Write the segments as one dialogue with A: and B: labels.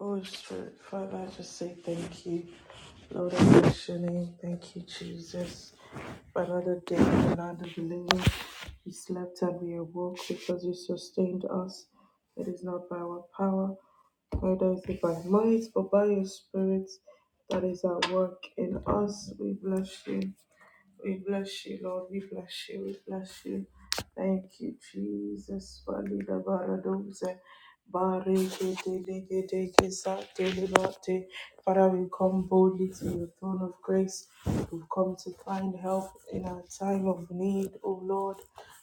A: Holy Spirit, Father, I just say thank you. Lord, I bless your name. Thank you, Jesus. For another day, another delivery. We slept and we awoke because you sustained us. It is not by our power, neither is it by might, but by your Spirit that is at work in us. We bless you. We bless you, Lord. We bless you. We bless you. Thank you, Jesus. Valida baradoze. Barikedelekeke satelebate. Father, we come boldly to your throne of grace. We've come to find help in our time of need, O Lord.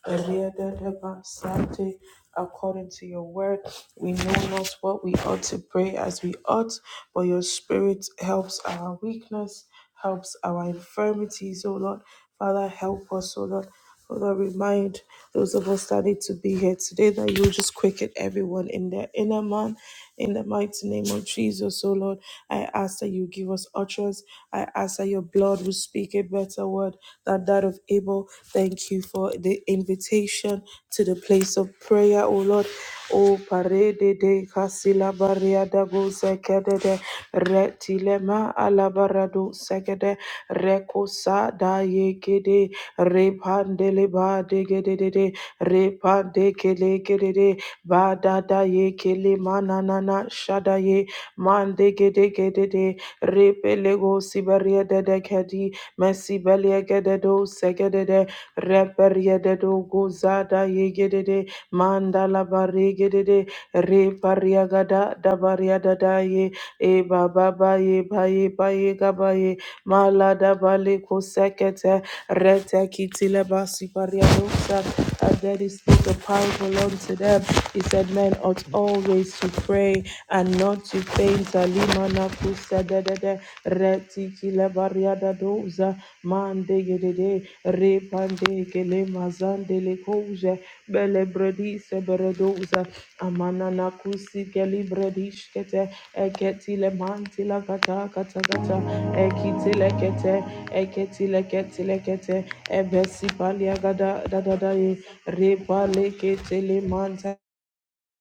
A: Eliadadabasate. According to your word, we know not what we ought to pray as we ought, but your spirit helps our weakness, helps our infirmities, O Lord. Father, help us, O Lord. Lord, I remind those of us that need to be here today that you will just quicken everyone in their inner man in the mighty name of Jesus. So, Lord, I ask that you give us utterance. I ask that your blood will speak a better word than that of Abel. Thank you for the invitation to the place of prayer, oh Lord. Oh, parede de casila baria da go sekede de retilema alabarado sekede rekosa da yekede repandele ba de gede de de de repande kele gede de ba da da ye kele manana na shada ye mande ge de ge de de repele go siberia de de kedi mesi belia ge de do segede de de reperia de do go zada ye ge de de mandala bare ge de de reparia ga da da baria da da ye e ba ba ba ye ba ye ba ye ga ba ye mala da bale ko sekete Retekitile basipariadosa. Our daddy spoke a parable unto them. He said, Men ought always to pray and not to faint. Alimana kusadadada. Retikile bariadadosa. Mandegedede. Repandekele mazandele koje. Bele bredise beredosa. Amanana kusikele bredishkete. Eketile mantila kata kata kata. Ekitile kete. Eketi leketi lekete ebesi palia gada da da da ye reba lekete le manta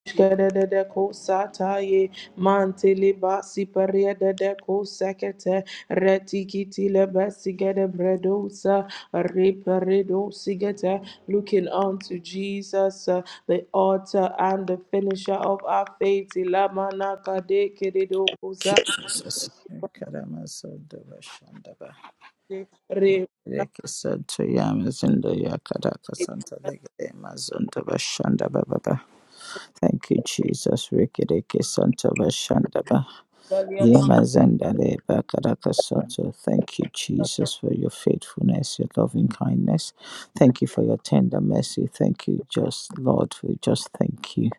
A: shkere de de ko sata ye mante le basi paria de de ko sekete reti kiti le besi gede bredosa repa sigete looking unto Jesus uh, the author and the finisher of our faith ilamana kade keredo kosa
B: you, Jesus. Karamasanda Bashandaba.
A: re
B: Reke Santo Yamazunda Yakadaka Santa Legade Mazunda Bashandaba Baba. Thank you, Jesus. Reke Reke Santa Bashandaba.
A: Galia
B: Yamazanda Le Bakadaka Santo. Thank you, Jesus, for your faithfulness, your loving kindness. Thank you for your tender mercy. Thank you, just Lord. We just thank you.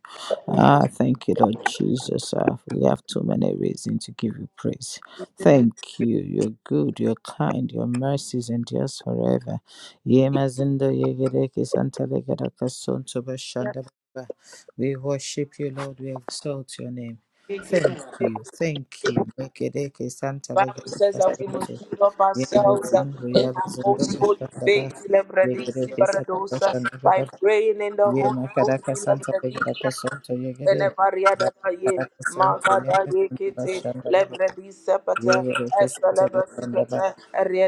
B: Ah, thank you, Lord Jesus. Ah, we have too many reasons to give you praise. Thank you. You're good, you're kind, your mercies endures forever. Yemazindo yegereke santalegedaka sontoba shandababa. We worship you, Lord. We exalt your name. Thank you. Thank you. Mekereke
A: Bible says
B: santalegedaka
A: that we must
B: sonto.
A: give up ourselves uh,
B: Yemezindo
A: in our
B: yabezindo
A: most holy
B: bashandaba.
A: faith, Lebradisi
B: Yegereke
A: Baradosa,
B: santabashandababa.
A: by praying in the
B: Ye
A: Holy Ghost,
B: makaraka santa yakaraka
A: Lebradika,
B: santo yagere.
A: Elevaria Dadaye,
B: Makaraka santo
A: Magadaye
B: yakaraka
A: Kete,
B: bashanda baba.
A: Lebradisa
B: Ye
A: Pata,
B: yareke santo
A: Etaleva
B: bashanda baba.
A: Sipata,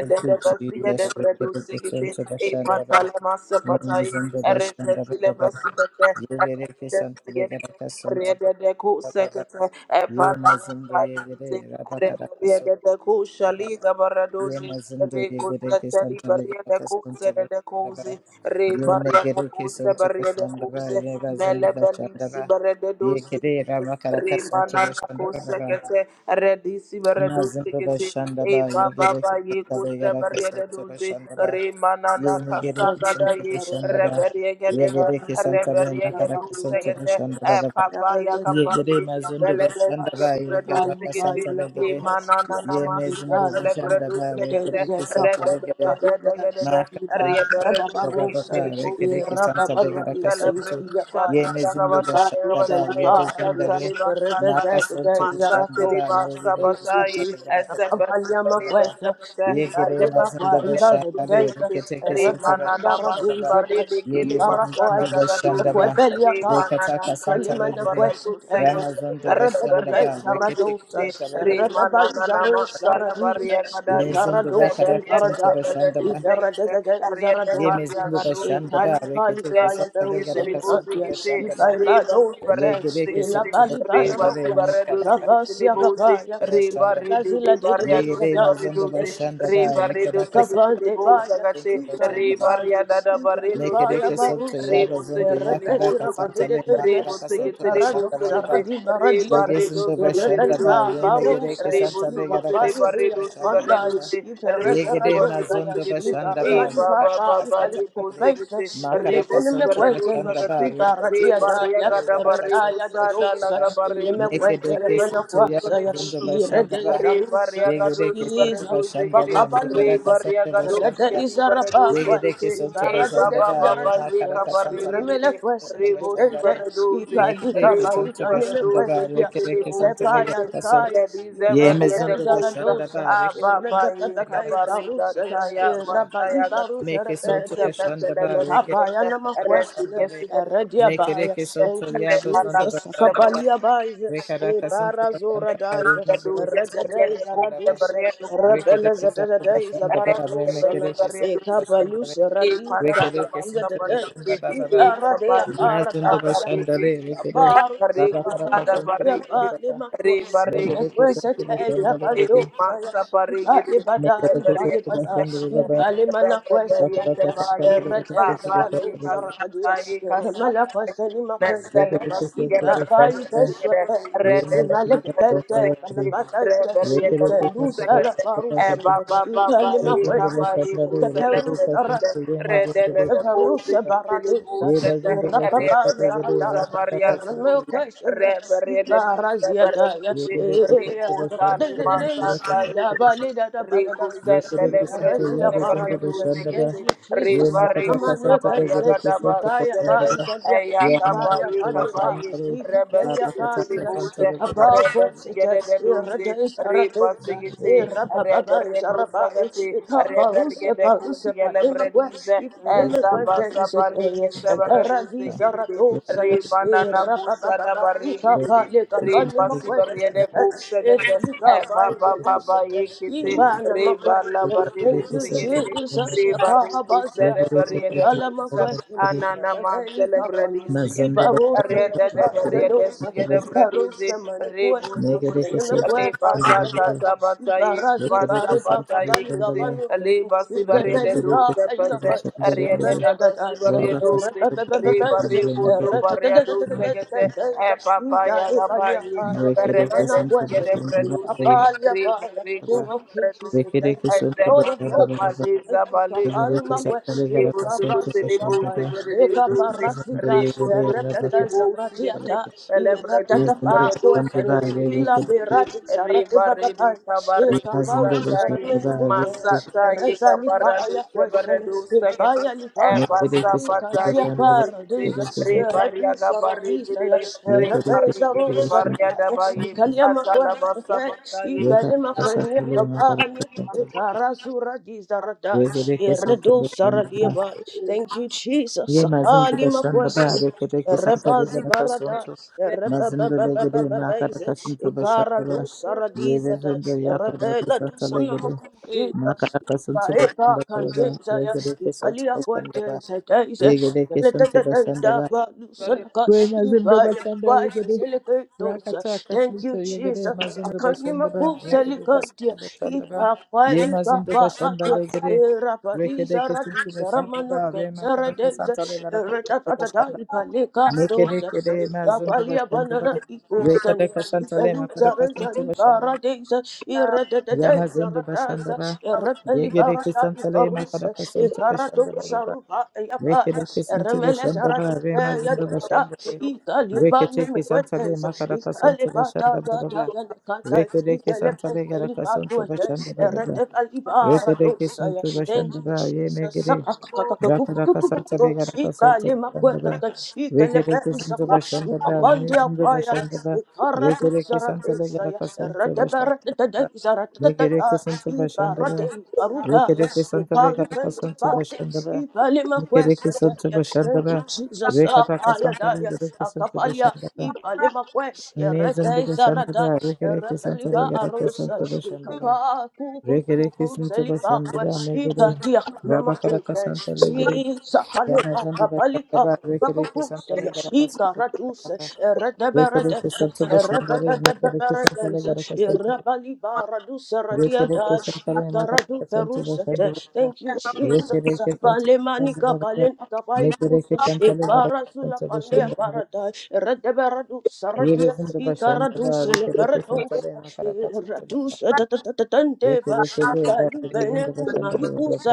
B: Thank you,
A: Dabasia
B: Jesus.
A: de Brado
B: Yakareke
A: Sigete,
B: santo bashanda baba.
A: Epatalama
B: Ye
A: Sapataye,
B: mazando bashanda
A: Erebrati
B: baba.
A: Leva Sipata,
B: Ye yareke
A: Ariada
B: santo
A: Sigete,
B: yakaraka santo
A: Ariada de Cool
B: baba. Ye mazando
A: Epalama
B: yagere. Rabakaraka
A: Remaria de
B: santo
A: de Cusha
B: baba.
A: Liga
B: Ye
A: Baradosi,
B: mazando yakareke
A: Recusata
B: santo
A: Libaria de
B: yakaraka santo
A: Cuse de de
B: baba.
A: re, Rebaria de
B: Yemagereke
A: Cuse
B: Santo
A: Baria de
B: Bashandaba,
A: Cuse,
B: Yevazando
A: Melebalisi
B: Bashandaba,
A: Barede Dosi,
B: Yekere Ramakaraka Santo
A: Remana
B: Bashandaba,
A: Cosecate, Redisi Baredosi,
B: Nazando
A: E
B: Bashandaba,
A: Baba
B: Yegereke
A: Ye
B: Santa
A: Cuse
B: Yaraka
A: Baria de
B: Santo
A: Dozi,
B: Bashandaba,
A: re, Remana
C: Thank
B: Yemagereke
A: Casaga
C: you,
B: Santo
A: Daye,
B: Bashandaba,
C: Jesus.
A: Reberia Gadele,
B: Yegereke Santa
A: Reberia
B: Makaraka Santo
A: Gadusegate,
B: Bashandaba,
A: E Papa
B: Yegere
A: Yakabaye.
B: Mazundo
A: Beledeske
B: Bashandaba,
A: bredu
B: Yegaraka
A: segete
B: Santa Legere,
A: imana na na masike
B: Yemezundo
A: tele bredu
B: Bashandaba,
A: segete
B: Rekereke Santa
A: rede de de
B: Legere,
A: de de de de de riede bredu
B: Rababaka,
A: segete
B: Rekereke, Santa
A: Rebaria
B: Regeraka Soto, Yemezindo Bashandaba, Yebezindare, Maka Soto Bashandaba, Yegereke Santa Regeraka Soto
C: Abalia
B: Bashandaba,
C: makwesa, ita
B: Yegere
C: lema
B: Mazindo
C: kwa riba
B: Bashandare,
C: zodai,
B: Reketeke Soto
C: Thank
B: Bashandaba, Yegere Mazindo Bashandaba, Rekataka Santa Regere, Ramazondo Bashandaba, Reketeke Santa Regeraka Soto Bashandaba, Mezindo Bakaraka Santa Bashandaba, Ye mezindo bashanda ba rekete kesanta
A: Rebasi
B: regada
A: getele bozi
B: kasonto
A: kete,
B: bashanda ba
A: rebasi
B: ye gere
A: barredosi kete,
B: kesonto bashanda re
A: rebasi
B: me
A: barredosi
B: kadaka
A: ketele bozi, reba
B: bashanda ba
A: rede de
B: ye gere
A: barredosi
B: mazondo
A: barredosi,
B: bashanda ba
C: you,
A: reba
B: rekada
A: redosi
C: Jesus
B: kasanta
A: ketele
C: bande
B: regada
A: boza
C: baya,
A: kate,
B: kasonto
C: ika
B: bashanda ba
A: reba
C: libaya,
A: riada da
C: ika
B: me
A: barredosi
B: kere
C: libaya
A: kete,
B: kesonto
C: baruse,
B: ya
A: Rebo
B: bazondo ya
A: segetele
C: erebezi
B: kadaka
A: bozo
C: rabande
A: kote,
B: santa
C: de
B: re ma
C: deze,
A: rebo
B: kadaka sonto
C: ika
A: segetele
C: rado
B: bashanda
A: bozo
B: ba
A: gete,
C: saradi baradia
A: reba
C: de,
A: redo
B: Legesunda
C: erebe
A: sebaredo
B: bashanda ba
C: liba
A: segete,
C: baruse,
B: yemegereke
A: rebo
B: santa
C: ika
B: legara
A: sobotele
C: bari
B: kasunta
C: beya
A: baredo
B: bashanda
C: kabandai,
A: sebaredo
B: baba
A: se,
C: ika reze
A: rebo
B: yegere
C: rado
A: sebaredo
C: saya,
B: mazondo
A: segete,
C: ika
B: bashanda ba
A: e
C: rima liba
A: baba
B: rekara
C: ika
A: baba
B: kasanta
A: leko
B: legere
C: lipepepeise,
A: segete,
B: makara
A: rebo
C: elebene
B: kasunta
A: sebaredo
C: mekwese,
B: bashanda ba
A: sagate,
C: liba radia
B: rekete
A: reba
B: santa
C: daya,
A: riaga da
B: legara kasunta
A: bareko
C: redaya da
A: sada
B: bashanda
C: dosa,
B: ba
A: laga
C: eleme kwente ya
B: mekedeke
A: Rebo
B: sinto ya
A: soto lebo
B: mazondo
A: sote,
B: bashanda
C: irede
B: ba
C: isa
A: re varia gado
B: yegereke
A: si
B: santa
C: iza,
A: barado
B: bashanda
A: zegere,
B: le mekara
A: re
C: bakabalusa,
A: varia
B: kasunta
A: gado
B: bashanda
A: si
C: Rada
B: ba
A: gadi
C: isara
A: barado
C: pakwa,
B: yegereke
A: zegete,
B: santa
A: e
C: ibara dede
B: bashanda
A: baba
B: ba
C: isara
A: baba ye
C: dusa,
B: remakara
A: kabare
B: kasanta
C: iremele
B: legere
A: gede,
C: kwese
B: santa
A: rebo si
B: bashanda
C: tetetende,
A: barado ze,
C: ikalika
B: Lekereke
A: rebo si
B: Santa
C: balika neme
B: Bashanda
A: barado
C: kwese
B: Ba
C: dia,
A: zegete
B: Rekereke
A: lebo
B: Santa
C: tepa ya
A: zegete,
B: Legeraka Son
C: rikaya,
A: rebi ze
B: Ye
C: irada
A: varia
C: de
A: de
B: Mezondo
C: isara
A: kosa,
B: Bashanda
C: dosa,
B: Ba
A: a
C: irada
A: baba ye
C: dada
B: Rekereke
A: kabare
B: Santa
C: iparusa ya,
A: gataya
B: Bashanda Ba
C: irabali
A: bataya gate.
C: barusa
B: Meke
C: rebede
B: Sonto
A: Mesa
C: deisa,
A: mesa
B: Bashanda Ba
A: lebo
B: Rekereke
C: ikapa ya
A: sigete,
C: nama
B: Santa
A: re
C: kwese ne,
B: Bashanda
A: sigete
B: Le
C: eredia
A: sigete,
B: Make
C: baya.
B: Mekereke Sonto
C: Thank you
A: re
B: Yaba Zondo
A: mata
C: Jesus,
A: kusa
B: Bashanda Ba
C: akapalia
A: barado.
C: baize,
B: Rekereke Santa
C: ibara
B: Bashanda
C: zora
B: Ba
C: daisa,
A: Thank
B: Rekereke
C: erede
B: Sonto
C: de isara
B: Bashanda Rekede
C: dusa, the
B: kesanta
C: day is a
B: başında baba ve
C: barado sala
B: mekede kesanta
C: e
B: başında ve
C: kabalusa radi zarada
B: rekede
C: is the
B: kesanta
C: day
B: başında
C: is
B: baba ve
C: a radia
B: mazunda
C: paradaya
B: başında ve rekede
C: Baru se
B: baba para
C: baru se
B: kesanta
C: ya
B: başında
C: pale
B: ve
C: makwa na
B: mekede
C: kwese
B: kesanta
C: teka
B: başında ve
C: bado
B: dedi
C: saya ipale bada
B: mekede
C: ipale
B: kesanta
C: bada
B: başında ve baba
C: ipale mana kwese
B: para para
C: teka
B: kesanta ve rekede
C: erede
B: kesanta başında
C: zarado
B: ve baba
C: sarakadia ramala kwese
A: you.
C: ni
A: Let's
B: rekede
A: celebrate us
C: makwese
B: kesanta
A: together,
C: ipapa
B: başında ve
A: Messalamas
C: ibeswa
A: together,
B: ye
A: Red
B: mazunda
A: and
B: başında ve
A: Sixty,
B: dedi
A: Reverie the
B: rekede kesanta
A: Second,
B: başında ve
C: parus,
B: baba
A: Eva Baba
C: Ipalima
B: Thank
A: Baika
C: Quentia,
A: Baiku
C: Caparus
A: Celebration,
C: Arasupa,
A: Red and the
C: Caparus
A: Pussy,
C: Baradesa,
A: Tilibus, Red and
C: Rapapa
A: the
C: Zarata.
A: Pusa Mariana
C: Rameo
A: Duse,
C: Queselia,
A: Reverie and the
C: Iparazia Daya,
A: Reverie, Rico Tali Masanta.
C: Ida Balida
A: Riku
C: Badadaiza,
A: sentele bredi
C: Iparazia
A: sebere
C: Paradisa.
A: duze
C: Thank
A: kiti
C: you, Jesus.
A: riba riku
C: Amanu
A: sabari
C: Kaisa,
A: agadaba
C: Ipaya
A: shigedede
C: Paisalia,
A: eya kapa
C: Ipaya
A: yi kapa
C: Padliba,
A: yi rebe
C: Ikalia
A: sikiti
C: Kaisa,
A: libuze
C: Kapau
A: rebe
C: Quesita,
A: sigedede
C: Iradis Ita irababa
A: redu
C: jaraba
A: sagati
C: ita
A: rebe
C: baruse
A: rigede
C: baruse
A: kusigele
C: panemakwe
A: bredize eza
C: ipanemekwe
A: basa
C: tezekeye
A: baliki sebere
C: eteraviza radosa ya
A: riba nana kusada
C: irababa ita
A: barigi kiti
C: paleka
A: riba
C: panemakwe tezekeye
A: kusegete
C: ita
A: eba
C: paile
A: baba
C: lisete
A: kete
C: ipana
A: re
C: makwe
A: bala bari de
C: Thank you,
A: segere
C: Jesus.
A: re
B: you.
A: bari
C: Ita
A: ke
C: bazia
A: sere
B: Mazanda
A: bari de
C: Alama
A: busa
C: question,
A: anana man
C: Rabaika
A: celebrate
C: Kanya,
A: bredi segete
B: Mazanda
C: Ibarosa,
A: re de de
C: Iba is
A: bari
C: a
A: de
C: dosa,
A: segere bredi ze
C: Ibarosa
A: re
C: Manuquesta,
A: busu kete
C: and
A: re
C: Namaque Bali
A: bata ta ta
C: Agata,
A: bata ye
C: Ibarazi
A: basa bata
C: Baribaka Baliga
B: Bazanda,
C: Banuka,
A: bari de du
C: Ibelica,
A: se pete
C: Ayaka,
A: re de de basi
C: Rada is a
A: bari du ze re
C: Rabba is
A: bari
C: a
A: busu bari du
C: Ratada
A: segete e papa ya
C: is a
A: gabai
C: Ida
A: re de de
C: Imana question,
A: segere
C: Abalia Bala,
A: Rebariaga
C: King of Kings, we say thank you. Lord of Lords, we say thank you. Kapali kwe ikapasu kapaya ikaparasika erebeta zaratiata iratata pa kuesene ila pirati sarati bagapaya ikaparu
B: Yazında başında
C: sermeni
B: bağırdı.
C: kute erezali paya kuesene ipaya
B: Ne
C: likante
B: gerekirse
C: Kasia
B: başında bağırdı.
C: paradisa,
B: Gerekirse
C: eradisa radisa,
A: Barigidi
B: ye
C: eradisa
B: gerekirse
C: rosa,
B: başında
A: Baria Dabaye
C: ikalima kwasa,
A: Atalabasa Pataye
B: ye
C: ikalima
B: kardeşler
C: kwenya
B: kalırına
C: kabani,
B: kardeşler.
C: ikarasu radisa
B: Ve
C: radai,
B: gerekirse
C: Redo
B: başında
C: Saradiabai. Thank you, Jesus.
B: ye mazında
C: Sakali
B: başında
C: Makwesen.
B: bağırdı. Gerekirse
C: Rebazi
B: kalırına
C: Barada.
B: kasıntı.
A: There
B: Mazında le gereğine kadar
C: Rebababababababaize.
B: kasıntı
C: Ikara do
B: başında ye
C: Saradiza.
B: vezinde ya kadar
C: Rebella do
B: kasıntı le gereğine
A: is
C: Sanamakundira.
B: na kadar
C: Ipa
B: kasıntı başında
C: Epa
B: bağırdı.
C: Candeza.
B: Ve gerekirse
C: Ikalia
B: başında
C: Quete.
B: bağırdı.
C: Setaise.
B: Ye gerekirse başında bağırdı.
A: variation
C: Balusanaka.
B: Wai mazindo
C: Iba
B: bashanda
C: Epa
B: regede
C: Selegatos.
B: rakata
C: Thank
B: kasunto
C: you,
B: yegede
C: Jesus.
B: mazindo
C: Akani
B: bashanda ba rekede kesunto
C: Makuselikantia.
B: bashanda ba
C: Ipa
B: ye
C: Pari
B: mazindo bashanda regede
C: Baba rapa
B: rekede
C: liza
B: kesunto
C: radisa
B: bashanda ba
C: ramanuka
B: re makara
C: saradeza
B: kasanta regara kasunto
C: ratatata
B: bashanda
C: ipaleka
B: mekede
C: dosa
B: kede mazindo
C: ipapalia
B: bashanda ba
C: banana
B: rekede
C: ikosani
B: kasanta le
C: ipeluza
B: makara
C: reza
B: kasunto bashanda ba
C: ibaradeza
B: ya
C: irededeza
B: mazindo bashanda
C: radaiza
B: ba
C: irepeli
B: yegede
C: barata
B: kasanta le makara
C: ikarusa
B: kasunto bashanda
C: ikaradosa
B: ba
C: ruba yakaya
B: Rekereke sinti
C: eremeleza
B: bashanda ba
C: radupe
B: rema zindo
C: yadada
B: bashanda be.
C: ikalipani
B: Rekereke santa le
C: mekweteza
B: makaraka santo
C: ikalipata
B: bashanda ba ba
C: tata
B: ba.
C: yanakanta
B: Rekereke santa
C: ikelepe
B: le garaka
C: Eliba
B: santo
C: duete,
B: bashanda ba ba ba.
C: erete
B: Rekereke
C: aliba Messiah.
B: sinti
C: Thank
B: bashanda
C: you,
B: ba ye
C: Jesus. Thank
B: megere.
C: you,
B: Rakaraka santa le garaka santo bashanda ba. Rekereke sinti bashanda ba me zindo bashanda ba. Rekereke santa le garaka santo bashanda ba. Rekereke sinti bashanda ba. Rekereke santa bashanda ba. Rekereke Santa Bashandaba,
C: Jesus.
B: Rekataka Santa Rekereke Santa
C: Akapalia,
B: Bashandaba,
C: Ibalemakwe,
B: Mason the
C: Erete Zarada,
B: Bashandaba, Rekereke Santa
C: Erepeliba
B: Rekereke
C: Arusa,
B: Santa Bashandaba,
C: Ikapa,
B: Rekereke
C: Kuku,
B: Santa
C: Balika,
B: Bashandaba,
C: Washika,
B: Megere,
C: Diaka,
B: Rabakaraka
C: Namakunde,
B: Santa Legere,
C: Jesus, Kalika,
B: Yamazan the
C: Balika,
B: Bashandaba, Rekereke Santa
C: Bakakusa,
B: Rekereke
C: Ika,
B: Santa
C: Radusa,
B: Rekereke
C: Redeberedez,
B: Santa Bashandaba, Mekereke Santa
C: Rebebebeberedez,
B: Rekereke Santa
C: Rebaliba, Radusa, Radiada,
B: Rekereke Santa
C: Ika, Radu,
B: Rekereke Santa
C: Perusa,
B: Bashandaba, Rekereke Santa Bashandaba,
C: thank you, Jesus,
B: Mekereke
C: Balemanika, Balenaka, Baikusa,
B: Santa Rekereke
C: Ibarazula,
B: Santa
C: Pandea,
B: Bashandaba,
C: Parada, Redeberadusa, Radia,
B: Yelizin de
C: Ika,
B: başında da
C: Radusa,
B: reke reke
C: Leberadusa,
B: santale makara kasantale
C: Radusa,
B: reke
C: Tatandeba,
B: reke de da
C: Thank
B: yelizin de başında da baba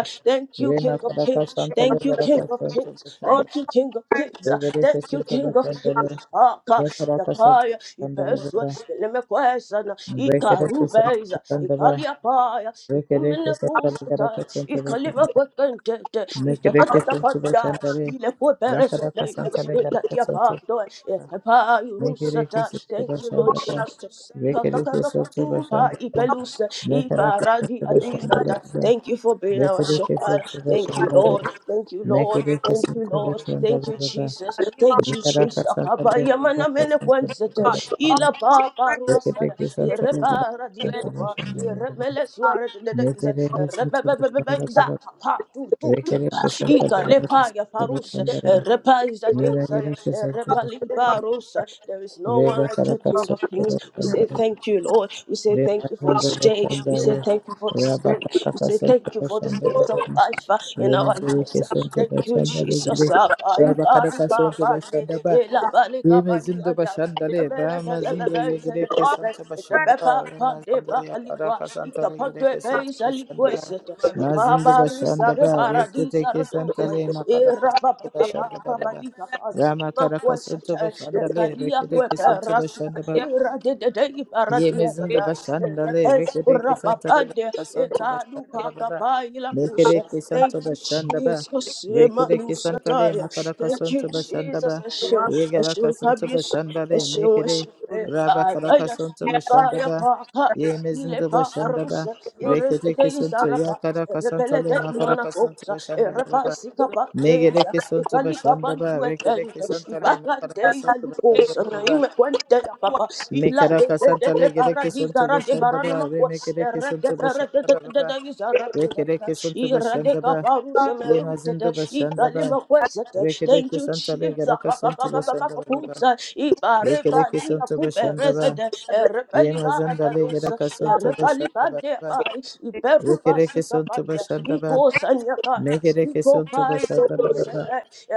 C: you,
B: re
C: King of
B: makara
C: Kings.
B: kasantale
C: Thank you,
B: makara
C: King of
B: kasantale
C: Kings.
B: başında
C: Thank you, King of Kings.
B: reke reke
C: Thank you, King
B: santale
C: of
B: başında
C: Kings. Aka,
B: ne kara kasantale
C: Yakaya,
B: başında
C: Ipeswa,
B: baba
C: Lemekwesana,
B: reke
C: Ika
B: reke
C: Rubeza,
B: santale başında ba
C: Ikaliapaya,
B: reke reke
C: Ikumene
B: santale makara
C: Kusata,
B: kasantale
C: Ikalima
B: başında
C: Kwekente,
B: reke reke santale başında re makara kasantale makara
C: Itatatapanda,
B: kasantale
C: Ilepoperesate, Ilatiapando, Ikepa
B: reke reke
C: Rusata.
B: santale
C: Thank you, Lord
B: başında
C: Jesus.
B: reke reke santale
C: Kakakakapatupa,
B: başında
C: Ipelusa, Ibar.
B: Mekaraka
C: Aradi
B: Sutra
C: Adizata.
B: Shandabada,
C: Thank you for being our
B: Vekarika
C: shepherd.
B: Sutra
C: Thank you,
B: Shandale,
C: Lord. Thank you, Lord.
B: Mekarika
C: Thank you,
B: Sutra
C: Lord. Thank you,
B: Shandabada,
C: Jesus.
A: Arima
C: Thank you,
B: Vikaraka
C: Jesus.
B: Sakale,
C: Kabaya mana
B: Vaka
C: mene
B: Sutra
C: kwensete.
B: Shandabada,
C: Ila papa ruasaya.
B: Vekarika Sutra
C: Ire
B: Shandabada,
C: dia
A: Clay
C: kaba. Ire suare de de iza.
B: Mekarika Sutra
C: iza.
B: Shandabada,
C: Papa tu tu tu.
B: Vekarika Sutra
C: Ika le ya farus.
B: Shandabada,
C: Ire iza de iza.
B: Yiragirika
C: Ire
B: Sutra Shandabada,
C: rusa. There is no one
B: Reba
C: like you,
B: Karaka
C: King
B: Sutra
C: of Kings. We say
B: Shandabada,
C: thank you, Lord. We say
B: Reba
C: thank you for
B: Sandra
C: this day. We say
B: Shandabada,
C: thank you for this day.
B: Rabaka
C: We say
B: Sutra
C: thank you for this gift of
B: Shandabada,
C: life uh, in our
B: Remezele
C: lives. uh.
B: kesonto
C: Thank you,
B: bashanda legere.
C: Jesus. Ah, Pali,
B: Raba
C: pali,
B: kadaka
C: pa,
B: sonto
C: pali,
B: bashanda ba.
C: ela, pali, ka, pali,
B: Remezindo
C: aja.
B: bashanda le.
C: Ebe,
B: Ba
C: ebe, ebe,
B: mazindo
C: ebe, ise,
B: yegere
C: le, te, te.
B: kesonto
C: Ete,
B: bashanda
C: pe,
B: ba.
C: pa, pa, de,
B: Remazindo
C: ba, ali, ka.
B: yakadaka santo
C: Ika, pa,
B: legere
C: de, be,
B: kesonto
C: ise, li,
B: bashanda
C: kwe,
B: ba.
C: se,
A: Yemba
C: te. Ika,
B: Mazindo
C: ba, ri, sa,
B: bashanda
C: re,
B: ba.
C: ba, ra, di,
B: Rekete
C: sa, ra, do,
B: kesanta
C: sa, ya.
B: le
C: E,
B: makadaka
C: ra, ba,
B: sonto
C: ba, ba, ba,
B: bashanda ba
C: ra,
B: ba
C: ba,
B: ba.
C: di, ka, pa.
B: Rama
C: Ima, kwe,
B: kadaka
C: se, te.
B: bashanda
C: Eka,
B: le.
C: li, ya,
B: Rekete
C: kwe, pe,
B: kesonto
C: ra, si, ya.
B: bashanda ba.
A: the
C: Ira, de, de, de, iba, ra,
B: Ye
C: di, ya, za,
B: mezindo bashandale,
C: da.
B: rekere kesanta
C: Rapapande,
B: regata santo
C: Ekadu
B: bashanda baba.
C: Pakapaila
B: Mekere
C: Kusha. Thank
B: kesanto
C: you,
B: bashanda ba.
C: Jesus.
B: Rekere
C: Emanu
B: kesanta le
C: Sataya.
B: makaraka
C: Thank you,
B: santo bashanda
C: Jesus.
B: ba.
C: Eshu,
B: Yegara
C: Eshu
B: kasanto
C: Kabish,
B: bashanda le
C: Eshu,
B: mekere
C: Eshu.
A: Brunesa
B: raba karaka
C: Aya,
B: santo bashanda
C: Ikaya
B: ba.
C: Paka,
B: Ye mezindo
C: Ilepa
B: bashanda ba.
C: Arusa,
B: Rekere
C: Irregaza
B: kesanto ya
C: Rapa,
B: karaka santa
C: Rebele
B: le
C: de
B: makaraka santo
C: Manaposa,
B: bashanda ba
C: Erepa
B: baba. ba
C: Sikapa
B: Megere
C: Deza,
B: kesanto
C: Ikalika
B: bashanda ba. Rekere
C: Banduetente,
B: kesanta le
C: Ibaka
B: makaraka
C: Deya
B: santo bashanda
C: Luposa,
B: baba ba
C: Naime Quente Papa, Ila
B: Mekaraka Santa
C: de
B: Legereke
C: de
B: Santa
C: de
B: Bashandaba,
C: Ibaranamaku,
B: Remekereke Santa Bashandaba, Rekereke Santa Bashandaba, Yemazinda Bashandaba,
C: Thank
B: Rekereke
C: you,
B: Santa
C: Jesus.
B: Legeraka Santa Bashandaba, Rekereke Santa Bashandaba, Yemazanda Legeraka Santa Bashandaba, Rekereke Santa Bashandaba, Mekereke Santa Bashandaba,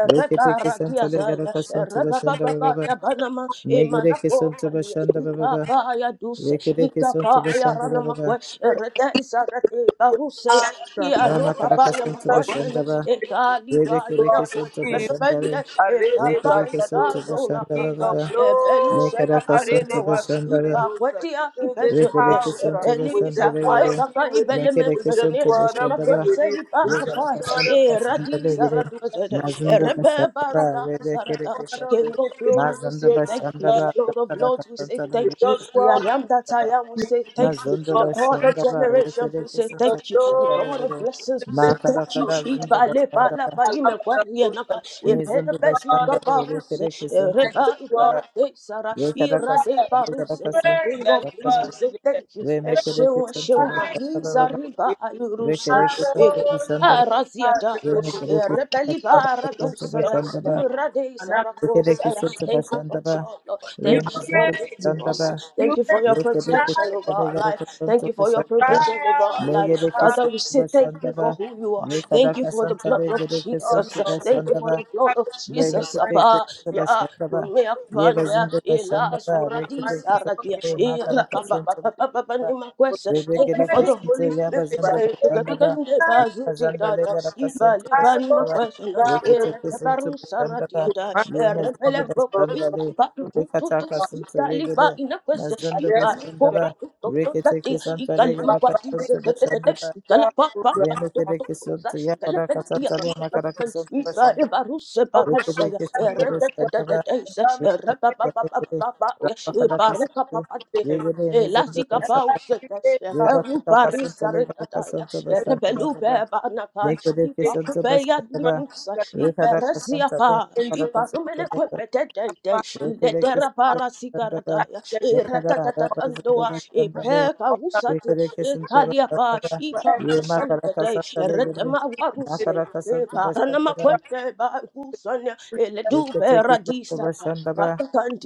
B: Rekereke Santa Legeraka Santa Bashandaba,
C: Banama,
B: Megereke
C: Emanako,
B: Santa
C: Fali,
B: Bashandaba,
C: Ikaba, Yadus,
B: Rekereke sonto
C: ikapa ya
B: bashandara
C: rana
B: baba.
C: makwe rete isarete karuseya ya
B: Rama
C: ropa ba
B: karaka
C: ya
B: sonto
A: Rasta
C: makwe sene
B: bashandara.
C: ekali ba ina
B: Rebekereke
A: Lord
C: kwe
B: sonto
A: of Kings,
C: rete bende
B: bashandare.
C: eka
A: Arede
C: ba
B: Rekereke sonto
C: ika
A: Bariadosa,
C: zola
B: bashandara
A: King
C: kapa
A: of
B: baba.
C: ebelu
A: Glory,
C: sela
B: Mekaraka
C: kane
B: sonto
A: Arede
C: mawa
A: Basi
B: bashandara.
C: ipa
A: Bariadosa.
C: kwetia
A: Fill this
C: ipesu
B: Rekereke
A: house, uh,
B: sonto
A: we
C: ebeli
B: bashandare
A: just wanna
C: saka
B: yere.
A: be
C: ekaka
A: with you.
C: ibele
A: We
B: Mekereke
A: just
C: mekwe
B: sonto
A: wanna be
C: imakwe
B: bashandara.
A: with
C: se
A: you. We
C: ipa
A: just
C: kapa
B: Rekereke
A: wanna,
B: sonto
C: e radi
B: bashandare yere.
C: zaradu zede
B: Mazunda
C: rebe
B: bashandara.
C: barada zarada
B: Rebekereke
A: wanna
B: sonto.
C: King
A: be
C: of
A: with you.
C: glory we
B: Mazunda
C: say
A: We just
C: thank you
A: wanna
B: bashandara.
A: be
C: Lord of
B: Karaka
C: lords we
A: with you.
C: say
B: sonto
A: We just
C: thank you
A: wanna be with
C: we are I
A: you.
C: am that
B: bashandara.
C: I am. We
A: You
C: say thank you.
B: Mazondo
C: The God of
B: bashanda ba
C: generations, we
B: rekereke
C: say
B: soto
C: thank you. The
B: bashanda
C: God of
B: zero
C: blessings, we say
B: makara
C: thank you.
B: kara zindo
C: Ibale
B: bashanda
C: bala
B: ba
C: ba ime kwari enaka. Epere
B: mezondo
C: bezu
B: bashanda ba
C: kabaruse.
B: rekereke soto
C: Ereba
B: bashanda ba
C: ibarate sara.
B: rekara
C: Irade
B: kasanda rekara
C: baruse ya.
B: kasanda
C: King of
B: bashanda
C: kings,
B: ba
C: we say thank you.
B: remekereke
C: Eshew
B: soto
C: eshew
B: bashanda ba
C: mariza
B: ba
C: riba ayuruse.
B: rekereke soto bashanda ba
C: Araziata.
B: remekereke soto
C: Erebeli baradosana.
B: bashanda ba
C: Irade sara
B: rekereke
C: kosaya.
B: soto
C: Thank you
B: bashanda
C: for
B: ba
C: joy, Lord. Thank you for
B: remazindo
A: reign,
C: uplifting
B: bashanda
C: us.
B: ba
C: Thank
A: you
C: you for
A: reign,
C: your
B: rekereke
C: protection over our life.
B: soto
C: Thank you for your
B: bashanda ba
C: provision over our life.
B: Negede
A: I
C: Father, we
B: kesinti
C: say thank you for
B: başlandaba.
C: who you are.
B: Ne
C: Thank
B: kadar
C: you for the blood
B: kasantalı
C: of
B: gede
A: am
C: Jesus.
B: kesinti
A: on
C: Thank you for
B: başlandaba.
C: the blood
A: Thank
C: of Jesus.
B: Berekete
C: Abba,
B: kesinti
C: ya,
B: başlandaba.
C: kume
B: Ye
C: apanda,
B: bezinde
C: ela,
B: başlandaba.
C: surati,
B: Rekete
C: sarati,
B: kesinti. Ne
C: era,
B: kadar
C: ba, ba, ba,
B: kasantalı.
C: ba, ni makwesa. Thank you
B: Rebekere
C: for the
B: kesinti
C: Holy Spirit.
B: yabazında
C: Eh, kuka,
B: başında
C: kuka,
B: da
C: nde, ba, zuti,
B: yemezinde
C: da, da,
B: levera
C: iba,
B: kasıntı
C: liba, ni
B: başında var.
C: makwesa, na,
B: Rekete
C: era, ta,
B: kesinti
C: baru,
B: başında da
C: sarati, da, era,
B: yemezinde
C: pele, kuku,
B: başında
C: i,
B: da
C: ba, tu, tu, tu,
B: rekata kasıntı
C: tu, liba
B: yegere
C: inakwese
B: mezinde
C: iba
B: başında
C: ikoko
B: var.
C: toto
B: Rekete
C: tati
B: kesinti
C: ikali
B: levera
C: makwati se
B: kasıntı
C: te te te te
B: başında da
C: ikala pa pa pa
B: remekere
C: toto sa
B: kesinti
C: ikala
B: yabara
C: pendia
B: kasıntı levera kara kasıntı
C: ikala
B: başında
C: baruse baruse
B: rekete
C: ya
B: kesinti
C: ere te te te
B: başında
C: te
B: da
C: te se re pa pa
B: yemezinde
C: pa pa
B: levera
C: pa pa ya
B: rabakara
C: ibaruka pa
B: kasıntı
C: pa te
B: yegere mezinde
C: Elasika
B: başında
C: pausete,
B: Reba kata
C: eferupari
B: kasanta lega
C: saretataya,
B: kasanta basanta
C: erebelupe
B: reba.
C: banakai,
B: Make the kasanta
C: ipakupeya
B: basanta reba.
C: nikusa,
B: Reka da
C: iperesia
B: kasanta
C: pa,
B: le kara
A: you.
B: kasanta
C: iparumene
B: basanta.
C: kwepetete,
A: Father,
B: Reka da
C: iletera
A: Father,
B: kasanta
C: para
B: basanta reba.
A: I
C: sikarataya,
A: bless
B: Make
A: you
B: da reba
C: iratatatandoa,
B: zanta basanta le.
C: ipeka
A: all that
C: usati,
B: Reka da
A: you
B: kasanta
A: have
C: ikalia pa,
B: basanta reba.
A: for
B: Ye ma
A: everyone
B: kara
C: ipakuseletete,
B: kasanta lega le.
C: eretema
B: Ma
A: that is
C: waruse,
B: kara kasanta
C: iparanama
B: basanta
C: kwente ba kusanya,
A: suffering that you
C: eledupe
B: Reketeke santa
C: radisa,
B: bashanda
A: have
B: ba.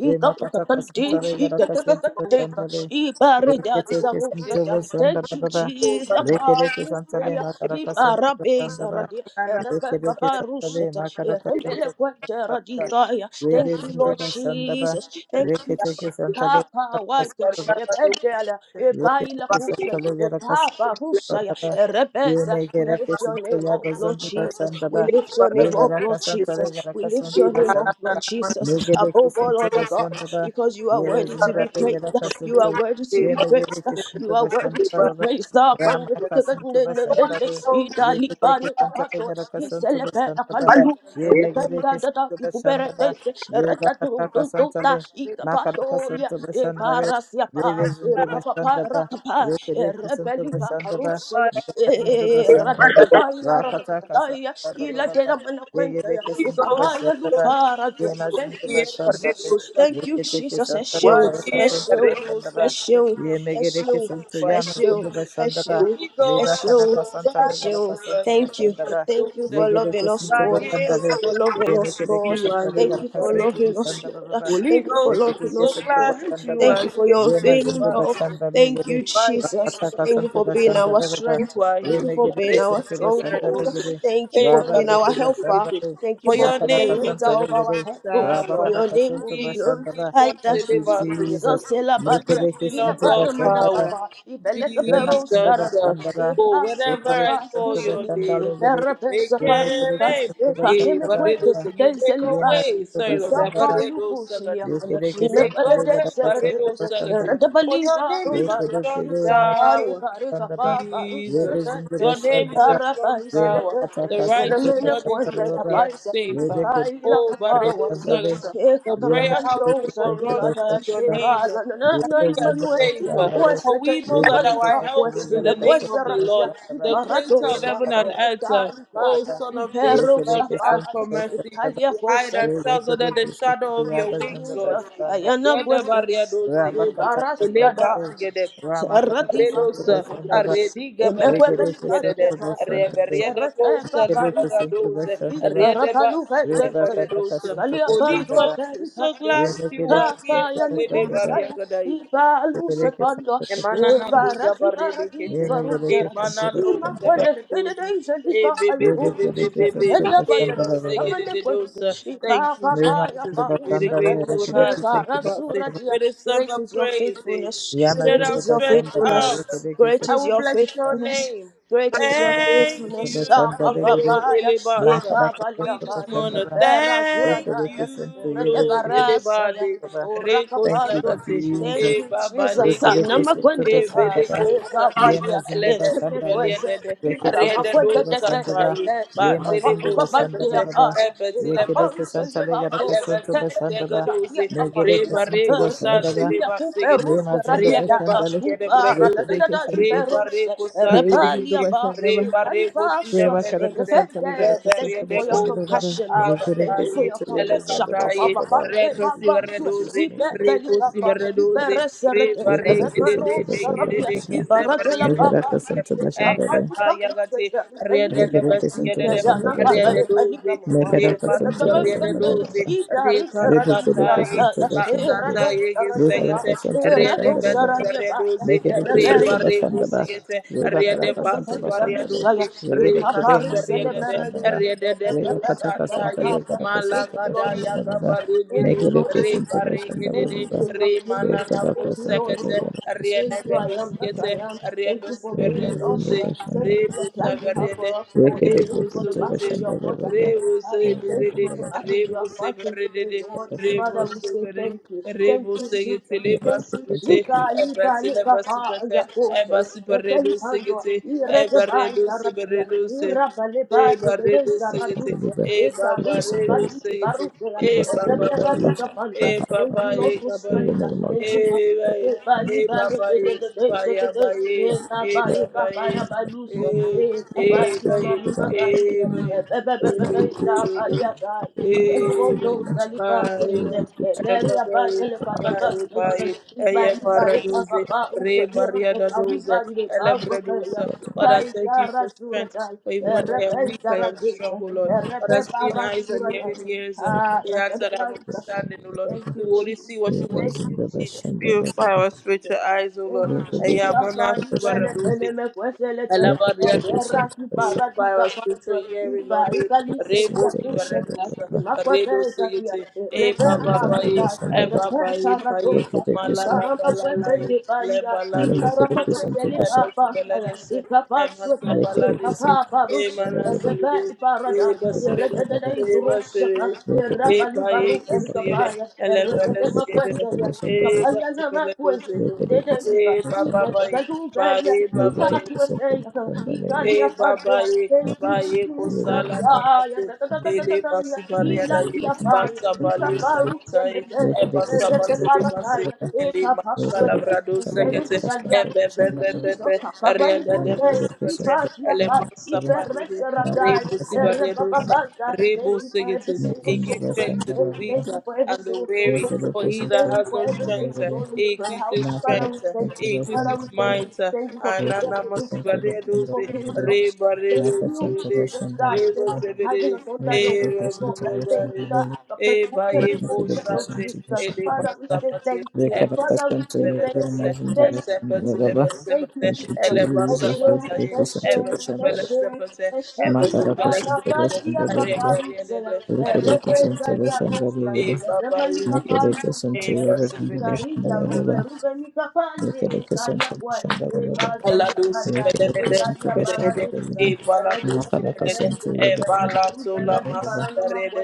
B: Remakata kasanta regaraka santa
A: for which
B: bashanda le.
C: Ibarida
B: Reketeke
A: it is suffering with
B: santa
A: this
C: isarusata.
B: bashanda
C: Thank
B: ba
C: you,
B: ba ba.
A: this
C: Jesus.
A: over
B: Rekereke santa
A: I
B: le
C: Apakufelia.
B: makaraka santa
C: Ibarabe
B: bashanda ba.
C: isaradia.
A: will none of
C: Erebe
B: Rekereke
A: the
B: santa le
C: babarusata.
B: makaraka
A: people
C: Eremele
B: santa
C: kwente
B: bashanda ba.
A: in
C: radikaya.
B: Rebe
C: Thank you,
B: zindu
A: everywhere
C: Lord
B: bashanda ba.
C: Jesus.
A: recover
C: Thank you,
B: Reketeke
C: Jesus.
B: santa le
C: Papa
B: makaraka
C: Wake,
B: santa ba.
C: Ependela, Epaila
B: Reketeke santa
C: Kusa,
B: le
C: Epapa Husaya,
B: Baba,
C: Rebeza.
B: Yeme
C: We
B: gereke
C: lift your
B: sinto
C: name
B: ya
C: up, Lord
B: bazonda
C: Jesus.
B: başanda
C: We
B: ba.
C: lift your name
B: Yeme
C: up,
B: raka
C: Lord
B: santa rega
C: Jesus. We
B: raka
C: lift your
B: santo
C: name up,
B: başanda ba.
C: Lord
B: Ne
C: Jesus,
B: gereke
C: above all
B: sinto
C: other
B: başanda
C: gods,
B: ba.
C: because you are
B: Yere
C: worthy to
B: zinda
C: be
B: rega
C: praised.
B: raka
C: You
B: sinto.
C: are worthy to be
A: recover
B: Yeme
C: praised.
B: gereke
C: You
B: sinto
C: are
B: başanda
C: worthy to
B: to
C: be
A: by
B: baba.
C: praised.
B: Rama ka sinto başanda re. Reke
C: Italy,
B: teke santa
C: Banakapato,
B: rega raka santo
C: Iselepe,
B: başanda ba.
C: Akalu,
B: Yeme gereke
C: Lependa,
B: sinto başanda
C: Ikubere,
B: ba. Re baka taka santa re.
C: Retta, Ika
B: Maka raka
C: patolia,
B: santo
C: e
B: başanda
C: parasia pa, e
B: Revezando
C: papa
B: bashanda ba,
C: parakapa, e
B: rekere kusando
C: rebelipa
B: bashanda ba,
C: arusa, e
B: rekazando
C: e
B: bashanda ba,
C: ratatadaya,
B: rakata
C: ratatadaya,
B: kasanda ba ba
C: ila
B: ba ba ba,
C: dena manakwenta,
B: rekere
C: e
B: kusando
C: kapaya
B: bashanda ba,
C: luparadia. Thank
B: yemazando
C: you,
B: bashanda ba,
C: Jesus. Thank you,
B: rekete
C: Jesus.
B: kusando
C: Esheu,
B: regara kasando
C: esheu,
B: bashanda ba,
C: esheu,
B: yemegere
C: esheu,
B: kusando
C: esheu,
B: yamazando bashanda ba,
C: esheu,
B: reba kada
C: esheu.
B: kasanda
C: Bless
B: regara
C: you.
B: kasando
C: Thank you.
B: bashanda ba,
C: Thank you for
B: rekere
C: loving us,
B: kusando
C: Lord.
B: bashanda
C: Thank
B: ba,
C: you for loving us,
B: yemegere
C: Lord.
B: kusando
C: Thank
B: regara
C: you for
B: kasando
C: loving us,
B: bashanda ba ba
C: Lord.
B: ba.
C: Thank you for loving
B: Rekete
C: us,
B: santa
C: Lord.
B: basanda ba
C: Thank you for your
B: yema zindo
C: unfailing love.
B: basanda le
C: Thank
B: gede
C: you, Jesus.
B: rakata
C: Thank you
B: kasanta
C: for being
B: basanda
C: our
B: le ba
C: strength.
A: You are He.
C: Thank you
B: yeme
C: for
B: gede ke
C: being our
B: santa basanda le
C: stronghold.
A: Barikatibaradoso.
B: gede
C: Thank you
A: Eh,
C: for
B: raba
C: being our
B: zindo
C: helper.
B: basanda le
C: Thank you
A: For
C: for
A: your
C: being
B: nakara
C: the
A: name is
C: lifter
B: kasanta
A: a
B: le
C: of our
B: gede
A: strong
C: head. Oh,
B: raba
C: For
A: tower.
B: kara
C: your name will
B: kasanta
C: be
A: Jesus,
B: basanda ba
C: glorified.
B: thank you
A: elebasigete.
B: Jesus
C: Jesus
A: to you
B: mekere ke
A: belong
B: santa
A: all
C: ilabana
B: basanda ba
A: power.
C: manakapa ipeleke
B: yema
C: bero
B: zindo
A: Jesus,
C: saradia
A: uh,
B: basanda ba
A: oh, whenever
C: ipasika
B: rekere ke
A: I
B: santa
A: call your
C: paskuseni
B: basanda
A: name,
B: le gede
A: you
C: iperepesa
A: make
B: yeme gede
A: a
C: parika
B: ke
A: name.
B: santa
A: Yeah,
B: basanda ba
C: ipanemekwete
B: kara
A: Barredosa, you make a
C: tenselipa
B: yema
A: way.
B: zindo
A: Sorry, Lord, that
B: basanda
C: Idapa
B: ba
A: Barredo
C: rete
A: Sagate.
C: kana
B: Yekere
A: You make a
B: kesantara
C: imekwerede
A: way,
B: barakasanta
A: Barredo
C: seretebede
A: Sagate.
B: başandara.
C: eretebali
A: For your name is a
B: Yekere
C: barubaya
A: strong
B: kere
C: itsa bari
A: tower.
C: barika
B: maşandara.
C: kapa baru
B: Yebe
A: Jesus.
C: serete
B: zinde
A: Your name is a
B: başandara.
A: strong
C: Parapaisa
B: Ve
A: tower.
B: makata
C: lekete,
A: The
B: kasinte
A: righteous
C: yelemene
A: run into
C: kwente
B: başandara
A: it and they
B: baba.
A: are
C: kapaisa,
A: safe.
B: Yebe kere
C: ikaila
A: Oh,
B: kesantara
A: Baredo
C: kapawasia,
B: başandara.
A: Sagata.
C: eka
A: The
B: Yeme
A: prayer house
B: kere
C: kakakandosa,
A: people
B: kesantara
A: runs
C: diada
A: into your
B: başandara.
A: name
C: shepala, na na
A: and
C: na
B: Yebe
A: we are
B: zinde
C: imanue,
A: safe.
B: başandara.
A: For
C: imakwesete,
A: we know that
B: Yekere
A: our help
C: imalipakwes,
B: kesantara
A: is in the name
C: imekwese
B: barakasanta
A: of the
C: rasia,
A: Lord,
B: başandara.
A: the creator
B: Ve
A: of
C: iparadosa,
A: heaven
B: makata
A: and earth.
B: kasinte
A: Oh,
C: eretalibaya,
B: başandara.
A: Son of David,
B: Yekere
C: iperosa
A: Lord, we ask
C: paya,
B: kesantara
A: for mercy.
B: başandara.
A: We hide
C: italiakosa,
B: Yebe
A: ourselves
B: kere
A: under the shadow of
B: kesantara
A: your wings, Lord.
C: Jesus,
B: başandara.
C: ayana
A: Yada
C: kwese,
A: Baredo Sigiri.
C: ibarasila da,
A: Eleba
B: Rabakatabasantare,
A: together.
C: Sarati
A: Redosa, a
C: bakwese,
B: Ramakabakasantubashandaba,
A: rediga barados,
B: Rigedefisantubashandaba,
A: Reverienda Costa, Liva Radose,
B: Rigedefisantubashandaba,
A: Rienda Baxina Baradosa. Holy
B: Rebakabakasantubashandaba,
A: Ghost, so glad you are here, Rede
B: Remekedefisantubashandaba,
A: Maria Gadai, Emanana Cusa Barede Kete,
B: Remekedefisantubashandaba,
A: Emanado
B: Remekedefisantubashandaba,
A: Zabaradose, E baby, baby, baby, baby, E
B: Remekedefisantubashandaba,
A: Basegadosa. Thank you, Jesus, with a
B: Remakandabashandaba,
A: grateful heart, say about
B: Remekedefisantubashandaba,
A: it, with a song
C: Great
A: of
C: is your
A: praise, eh,
C: faithfulness,
A: with an
C: great is your
A: outstretched
B: Yamazurubashandaba,
C: faithfulness,
A: arm.
C: great
A: I
B: Remekedefisantubashandaba,
C: is
A: will
C: your your
A: bless your
C: faithfulness.
A: name.
C: Great is your
A: Thank
C: faithfulness.
A: you,
C: Shaka
B: Remekedefisantubashandaba,
A: Lord
C: babaya,
A: Elebasa. We just wanna
B: Makarakatakasandara.
C: ipera
A: thank
C: zuradaya,
A: you, Lord
B: Yekerekesentoyebezindabakaba.
C: retebarasaya,
A: Elebade. Reko
B: Thank you,
C: urakapando.
A: sagate,
C: Thank
B: Jesus.
A: e
C: you,
A: baba
C: Jesus.
A: lekete,
C: Namakwente
A: e
C: ba,
B: Yekerekesentabasandaba.
A: beleko sate.
C: ipapalia,
A: Elede
B: Yemazindabasandare.
A: Sivelede
C: Thank you
A: Rede do
B: Reketekesentobasandaba.
A: Satai Batili Bo Sepete
B: Yemazindabasandabababa.
A: Ebetile Eleven
B: Rekerekesantaregarakasantobasandaba.
A: Sipetega dozi Reba Rego
B: Negerekesentobasandaba.
A: Satile Basigeti Rede
B: Yemazindabasandare.
A: Basigede Bredozi
B: Rekerekesanto-
A: Reba Rego Satile
B: Yemazindabasandaba.
A: Reba Rego
B: Reva Karakasa
A: Rede
B: Telegarakasun to
A: Rede
C: for your
B: Bashanda
A: Goza
B: Baba.
C: compassion, Lord. Thank you for
B: Regarakasun
A: Akatai
C: your
B: to Yabazan the
C: compassion
B: Bashanda
C: papa
B: Baba.
C: pande
B: Thank
A: Elekatai
C: papa
B: you,
C: su
A: barredoze,
B: Jesus.
C: ipe
B: Make it
C: beli
A: recosi
C: papa
B: into
C: ipe
B: Bashanda.
A: barredoze, re
C: reserete
A: barreke de
C: repero
A: de
B: Regarakasun to
A: de ke
B: Bashanda
A: de
C: sarabia
A: de
B: Baba.
A: ke ze
C: ibarate la
A: barria de
C: papa de
B: Regarakasun
A: doze,
B: to
C: papa
B: Bashanda.
A: egrata
C: ipa ipe
A: yagate, re
C: beli
A: de de
B: Regarakasun to
C: ipe
A: besigedede,
C: ya na
B: Bashanda
A: re
C: papa
A: de
B: Baba.
C: beli
A: doze,
C: kama
B: Make
C: kwa
B: it
A: re
B: up a son
A: basi
B: to
C: papa
A: barria de
B: Bashanda
C: kande
A: doze,
B: Baba.
C: ipe
A: re
C: reserati
B: Rekede
C: sarata
B: kesin
A: kasatai,
B: tabashanda
C: era
A: Basata
B: baba.
C: do
A: yege
C: saralieva
A: segete
C: era
A: rede
C: do
A: besi
C: saralieva
A: reduzi
B: Rekede
A: re
B: kesin
A: bare
B: tabashanda
C: Thank
A: kusigete rede
C: you,
A: basi reduzi re kasi rede de rede de kusata ye malagada
C: Lord
A: ya
C: Jesus.
A: kabare de
C: Thank you, Lord
A: re
C: Jesus.
A: bare gede
C: Thank
A: de
C: you, King of
A: re
C: Kings.
A: manana
C: Thank you, Lord of
A: kusekete
C: Lords.
A: rede
C: Thank you,
A: de
C: I am that
A: besigete
C: I am.
A: re
C: Thank you
A: besi
C: for being with us.
A: reduzi
C: sir. Thank
A: re
C: you for the
A: busa
C: plans you have for
A: rede
C: us, Lord.
A: re
C: Thank you for
A: busu
C: the battles you have fought ahead of Hi.
A: Rebose
C: Thank you for
A: berede,
C: the battles you
B: baba.
C: are
A: rebose
C: fighting today,
A: berede,
C: Lord. Father, we
A: rebose
C: say
A: berede,
C: thank you. Thank you,
A: rebose
C: Jesus.
A: getele
B: Keep
C: Thank you,
B: us
A: basibete,
C: Chica, Lipa,
A: ebatele
C: Lipa, Pa,
A: basibete,
C: Yakose,
A: ebasi beredo
C: Ekelipando,
A: segete,
C: Irekeban,
A: ebaredo
C: Saratia,
A: seberedo se,
C: Irapaleba, Deden,
A: ebaredo
B: and
A: segete,
C: Saraduse,
B: deliver us. Keep us
C: Esaruse,
B: and
A: ebabaredo
B: deliver
C: Radiki,
A: segete,
C: Baruse,
A: ebababaye,
B: us.
C: Reberadica Panda.
B: Provide for
C: Thank you,
B: me, Lord.
A: ebabaye
C: Lord, for
B: In
A: kabaye,
B: the
C: strength.
B: name of
C: Thank you
B: Jesus,
C: for
A: ebaye,
B: I'm
C: Bali
B: grateful,
C: bali de
A: ebabaye,
C: de de de de de de
A: bayabaye,
C: Eh, na ba
B: Lord.
C: papá ba ba
A: ebabaye.
C: ya ba
B: Man,
C: Eh, ba
B: the world
C: na
B: is
C: mamá ma
B: good
C: ma
B: at
C: ba ye de
B: you.
C: Eh, be be be
B: Will
C: be
B: not
C: be
B: be
C: sa
B: put to
C: ba li
B: shame.
C: ya ga
B: I put
C: I
B: my
C: be
B: trust in you, Lord. Will
C: se
B: not be put
C: Eh,
B: to
C: be ri
B: shame.
C: ya ba ye le
B: Will not be put
C: de
B: out to
C: de I ba li ba ye ba de Eh, ka li ba ba go be ya
B: the
C: I
B: bottom.
C: ba
B: May
A: Father,
C: ye
A: thank
C: ga
A: you for strength. For even
C: Eh,
A: when
C: re
A: I
C: be
A: am weak,
C: za
A: I
C: ra
A: am strong, O Lord.
C: Eh, re
B: you
C: be
A: Father,
C: ba
A: seeing
C: ra
A: eyes
C: su
A: and hearing ears, uh,
C: Ah,
A: the
C: ra da
A: hearts that
C: da
A: have
C: da
B: celebration.
A: understanding, O
B: May
A: Lord.
C: Thank
A: We
C: you,
A: will only
C: Jesus.
A: see what
B: you
A: you
B: celebration. May
A: want
B: you
C: Thank
A: to
C: you,
A: see.
C: Jesus.
B: celebration. May
A: Purify our spiritual eyes, O Lord.
C: Thank you,
B: you
A: I am
B: celebration.
C: Chica Fadi Pele
B: May
A: on
C: Pele me Queselete,
A: Alabaria
B: you
A: dosa,
C: Eraki
A: purify
C: Paradica
A: our spiritual
C: Panto,
A: ear, Lord.
C: Ipa Icali
A: Rebo
C: Setia
B: celebration. May you
C: Priseta,
A: tibaredusa,
B: celebration.
A: redo
C: Imaquateza,
A: sigiti, e
C: Repe
B: Thank
A: baba baye,
C: Parasta,
A: e baba
C: Repe
A: ye paye,
C: Paradoxa,
A: malala
C: Icarama
A: balalaye,
C: Quesente
A: le
C: Palia,
A: baladu
C: Icarama
A: sebete,
C: Quesele
A: e beti
C: Papa,
A: beledese, e
C: Icapa
A: masa
C: Suete,
A: baladese,
C: Icapa
A: e
C: Paruse,
A: manasibide,
C: Repe
A: e
C: Parada,
A: basibide,
C: Erededa is
A: e
C: Rusata,
A: basibide, e
C: Erabali
A: baye
C: Baru
A: kisire,
C: Ergabaya,
A: ele
C: Eredema
A: belesire,
C: Queselia,
A: e basi
C: Capayana
A: beleduze,
C: Thank you, Jesus.
A: e baba baye, baye baba E baba ye ba ye ko sala na
C: Ah, ya,
A: mate
C: da, da, da, da, da,
A: ele
C: da, da, ya.
A: basi baria da
C: Ila
A: ye
C: kia paya,
A: basa bale
C: ika pau
A: sekete
C: seneteya,
A: e basa
C: erete
A: bate le basi
C: parataya,
A: ele
C: eka
A: masala
C: paswete,
A: brado sekete e
C: ekerusalia,
A: be be be be
C: izo
A: be ria
C: kapabali
A: da de
C: buke,
A: basi bate
C: ipa kia
A: ele
C: pa,
A: masa
B: you.
A: pare de
C: iperese
B: Thank you,
A: re
C: radaya,
A: busi
B: Jesus.
C: ere
A: baria dosa
C: bababaza.
A: re bo
C: Thank you for
A: sekete
C: every single
A: e
C: soul
A: give
C: here
A: thanks to
C: today.
A: the weak
C: Thank you for every
A: and the
C: single soul
A: weary.
C: here
A: For
C: today.
A: he that
C: Thank you
A: has
C: for
A: no
C: every single
A: strength,
C: soul
A: uh,
C: soul in the
A: he
C: prayer house.
A: increases
C: Father, we
A: strength, uh,
C: thank you.
A: he
C: Father, we
A: increases
C: thank you.
A: might. uh,
C: Thank you for
A: Anana
C: preserving us. Thank you for
A: masibaredoze,
C: being with us. Thank you,
A: rebaredoze,
C: Jesus. God. Thank you for having
A: rebazebere,
C: us under your wings,
B: Rekidoki
C: Lord. Thank
A: ebababare,
C: you that I'm protected in the shadow,
A: ebayebosate,
C: Jesus. Father, we say
A: elemasabate,
C: thank you.
A: epes-
C: Father, we say thank
A: Zelebese,
C: you. Thank you,
A: Esepeti
C: Jesus. Thank
A: lebesebete,
C: you, Jesus. That's you.
A: elebasabateye,
C: That's
B: Santo
C: you.
B: Bashandara.
C: That's you.
A: ebesipelesepete,
C: That's you. In the
B: Makara
C: Papa
B: Pasanto
A: ebesipelesepete,
C: Pasia
B: Bashandara.
C: Paparusa,
A: ereberiedede,
B: Wikileaks
A: ereberiedede,
C: Rebeza
B: International
C: Diagosta,
A: E
B: Limited,
A: Baba, we give
C: Remalika
A: you
C: Pandu,
B: Wikileaks
A: name,
B: International
A: mercy, pene.
C: Ikarika rube
B: Limited,
C: rube mikapande
B: Wikileaks
C: kalia kwa
B: International
C: ekaza
B: Limited,
A: Allah
C: dia
A: do si
C: kanda
A: pene e de,
B: Wikileaks
C: ekalia
B: International
C: baradesa
A: Eh,
B: Limited,
A: Bala do
C: rede
A: si
C: rede rede
A: pene
B: Macaracas
C: rede
B: International
A: Eh,
B: Limited,
C: rede
A: Bala to
C: rube
A: la
C: radi
A: masi
C: barana
A: pere
C: makwe
A: de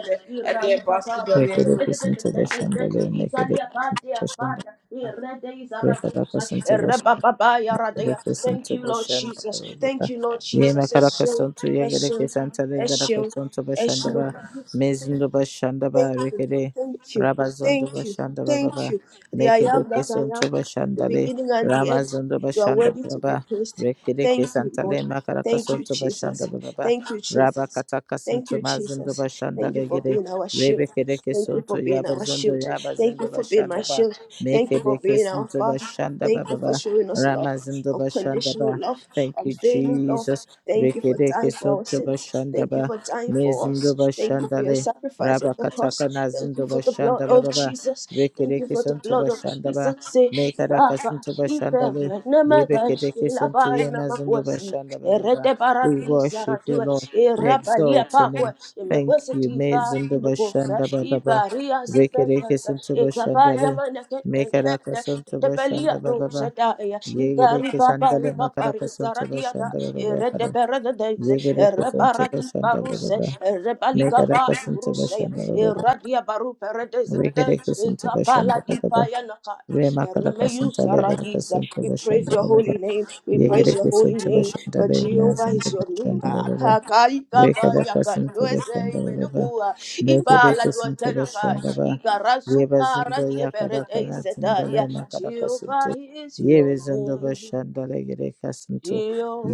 A: Re
C: iralika
A: basi
C: paran
A: pere.
B: Wikileaks International Limited,
C: ikalia kate akaya irede izaradusa
B: Wikileaks International Limited,
C: ereba baba yaradea
B: Lekesin
C: thank
B: to
C: you lord
B: Bashanda
C: jesus thank
B: Baba.
C: you lord jesus
B: Yema
C: eshu
B: Karakason to
C: eshu
B: Yagarakisan
C: eshu
B: Telegarakason to Bashanda
C: eshu
B: Ba. Mizundo Bashanda Ba
C: Thank you,
B: Rikede.
C: thank you,
B: Rabazondo
C: thank you,
B: Bashanda
C: thank
B: Baba.
C: you. The I
B: Make it a
C: am that I
B: kison to
C: am, the
B: Bashandale.
C: beginning and the end.
B: Ramazondo
C: You are
B: Bashanda
C: worthy to be
B: Baba.
C: praised.
B: Rikede
C: Thank you,
B: Kisantale
C: Lord. Thank
B: Makarakason
C: you,
B: to Bashanda
C: Jesus.
B: Baba.
C: Thank you,
B: Rabba
C: Jesus.
B: Katakason
C: Thank
B: to
C: you,
B: Mazondo
C: Jesus.
B: Bashanda
C: Thank you for
B: Legede.
C: being our shield.
B: Rebekede
C: Thank you
B: Kison to
C: for being our
B: Yabazondo
C: shield. Thank you
B: Yabazondo
C: for being my
B: Bashanda Ba.
C: shield.
B: Make
C: Thank you
B: it
C: for
B: a
C: being our
B: kison to
C: Father.
B: Bashanda
C: Thank you for
B: Baba.
C: showing us love,
B: Ramazindo
C: unconditional
B: Bashandaba.
C: love,
B: Thank you,
C: unfailing love.
B: Jesus.
C: Thank you for
B: Rekereke
C: dying for our
B: Soto
C: sins. Thank you
B: Bashandaba.
C: for dying for
B: Mezindo
C: us. Thank you for your
B: Bashandale.
C: sacrifice on the
B: Rabakataka
C: cross. Thank you
B: Nazindo
C: for the blood
B: Bashandaba
C: of
B: Baba.
C: Jesus. Thank you
B: Rekereke
C: for the
B: Santo
C: blood of
B: Bashandaba.
C: Jesus. Say,
B: Mekaraka Santo
C: Ipe
B: Bashandale.
C: nemekash
B: Rebekereke Santo
C: labai
B: Yemazindo
C: namakwase.
B: Bashandaba Baba.
C: Erete
B: We
C: barati
B: worship you,
C: saratue.
B: Lord. We
C: Erabalia
B: exalt your name.
C: pakwe.
B: Thank
C: Imekwese
B: you.
C: tiba
B: Mezindo
C: ilokosa.
B: Bashandaba Baba.
C: Ibaria zipeta.
B: Rekereke Santo
C: Ekapaya
B: Bashandale.
C: manakete.
B: Mekaraka Santo
C: Tepelia
B: Bashandaba
C: do
B: Baba.
C: setaya.
B: Yegere
C: Igari papa
B: kesandale makara
C: ripapari
B: kasontolo
C: zaradia da.
B: shandala baba
C: Erete
B: kara.
C: berada deize.
B: Yegere kesontolo
C: Erebaradi
B: shandala
C: baruse.
B: baba.
C: Erebalika
B: Megara kasontolo
C: Grusaya,
B: shandala baba.
C: Iradia Baru Paradise
B: Yegere
C: today, eh,
B: kesontolo
C: Kapala
B: shandala baba.
C: Dipaya Nakaya,
B: Re makara
C: Remeus
B: kasontala gara
C: Radisa. We
B: kasontolo
C: praise your
B: shandala baba.
C: holy name, we
B: Yegere
C: praise your holy
B: kesontolo
C: name, for
B: shandala
C: Jehovah is
B: mazindala
C: your name.
B: shandala baba.
C: Atakai
B: Re kara
C: Kapaya
B: kasontolo
C: Kanduese
B: shandala baba.
C: Menukua,
B: Megere
C: Ipala
B: kesontolo
C: Duasanakai,
B: shandala.
C: Ikarasu
B: Yeba zindo
C: Paradia
B: yakada
C: Paradise
B: kana
C: today,
B: tindale makada kasuntu.
C: Jehovah is
B: Yebe
C: your
B: zindo
C: name.
B: bashandale gere kasuntu.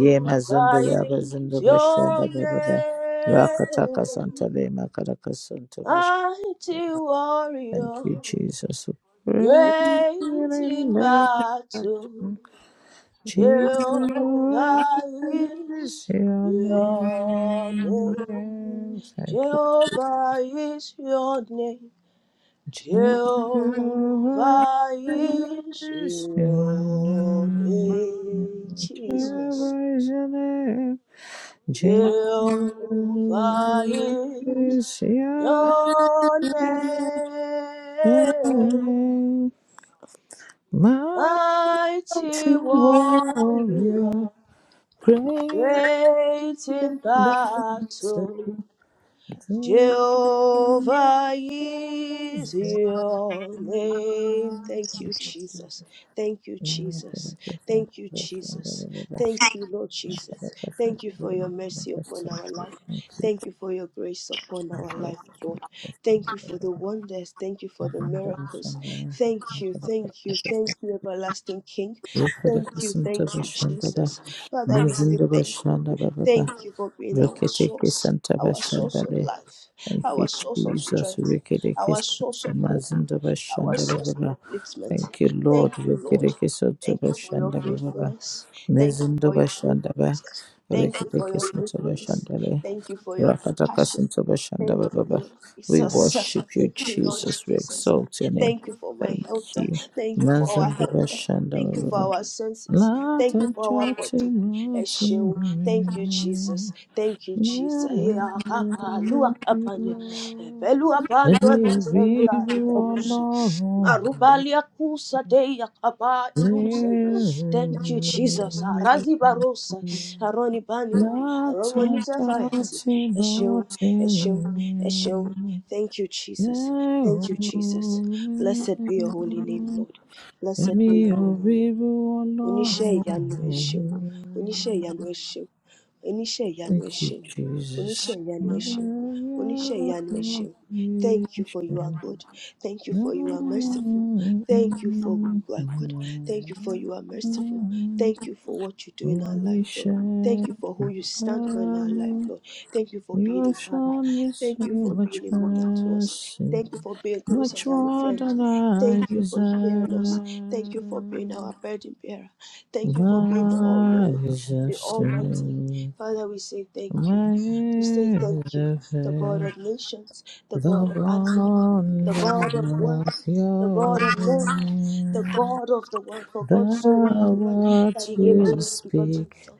B: Ye mazindo yaba zindo
C: is your
B: bashandale baba. Yakata
C: name
B: kasantale makada kasuntu bash.
C: mighty
B: Thank
C: warrior,
B: you, Jesus.
C: great in battle, Jehovah is
B: Jesus, your
C: your
B: name.
C: name.
B: Thank
C: Jehovah is your name.
B: Jesus
C: Jehovah is
B: is your
C: your
B: name,
C: name, Jesus.
B: Jehovah is your name. Jehovah
C: Jehovah is
B: is your
C: your name.
B: name. mighty
C: mighty warrior,
B: warrior, great
C: great in
B: and
C: battle. Jehovah is your name. Thank you,
B: awesome.
C: Jesus. Thank you,
B: Thank
C: Jesus.
B: you,
C: Thank you,
B: Jesus.
C: Jesus. Thank you, Lord Jesus. Thank you for your mercy upon our life. Thank you for your grace upon our life, Lord. Thank you for the wonders. Thank you for the miracles. Thank you, thank you, thank you, everlasting King. Thank you, thank you,
B: Thank you, Lord.
C: Jesus. Father, we say
B: Mezindo
C: thank you.
B: bashanda ba
C: Thank you for being our source our source of life, our source of strength, our source of hope, our source of upliftment. Thank you, Lord. Thank you for your faithfulness. Thank you for your faithfulness. Thank you
B: rekete
C: for your
B: kesinto
C: faithfulness.
B: bashandale
C: Thank you for your
B: Rakataka
C: compassion.
B: Santo Bashanda
C: Thank you,
B: Baba.
C: Lord
B: We
C: Jesus.
B: worship you,
C: Thank you, Lord
B: Jesus. We
C: Jesus.
B: exalt your name.
C: Thank you for my
B: Thank
C: health.
B: you.
C: Thank you for our
B: Mazan Baba
C: health.
B: Shanda
C: Thank you for
B: Baba.
C: our senses. Thank you
B: Lata
C: for our
B: Chati
C: body.
B: Matu.
C: Esheun. Thank you, Jesus. Thank you, Jesus. Yeah, Abba, Lua, Abba, Nia. Ebelu, Abba, Ndo,
B: Ẹni òbí
C: Desenta,
B: bí
C: Itarusha.
B: ọlọ́run
C: Marubalia kusa deya kaba ilusa.
B: yìí
C: Thank you, Jesus. Arazi barosa. Aroni banilo. Aromonita
B: látọjọ́
C: fayati.
B: tí mo
C: Eshon,
B: ti
C: eshon, eshon.
B: rí
C: Thank you, Jesus. Thank you, Jesus. Blessed be your holy name, Lord. Blessed
B: Ẹ̀mí
C: be your
B: ò
C: holy name
B: bírú
C: oníṣẹ́
B: ọlọ́run ò
C: ìyanu ẹ
B: mú mi
C: ṣeun
B: rí.
C: oníṣẹ́ ìyanu ẹ ṣeun oníṣẹ́ ìyanu
B: Thank
C: ẹ
B: you,
C: ṣeun
B: Jesus.
C: oníṣẹ́ ìyanu ẹ ṣeun oníṣẹ́ ìyanu ẹ ṣeun thank you for you are good thank you for you are merciful thank you for you are good thank you for you are merciful thank you for what you do in our
B: Holy
C: life lord thank you
B: Shepherd,
C: for who you stand for in our life lord thank you for
B: you
C: being a
B: have
C: father. Father.
B: shown me
C: Thank
B: so
C: you for
B: much
C: being a mother to us.
B: mercy.
C: Thank you for being closer
B: Much
C: than a
B: more
C: friend.
B: than I
C: Thank you for
B: deserve.
C: hearing us. Thank you for being our burden bearer. Thank you for being the all
B: My
C: knowing,
B: eyes have
C: the almighty.
B: seen,
C: Father, we say thank you.
B: my
C: We say
B: ears
C: thank you,
B: have
C: the God
B: heard
C: of nations, the
B: the
C: God of animals, the
B: wonder
C: God of work
B: of
C: the
B: your
C: God of love, the
B: name.
C: God of the world, for
B: The
C: God so loved the world that
B: words
C: he gave his
B: you
C: only begotten
B: speak
C: Son,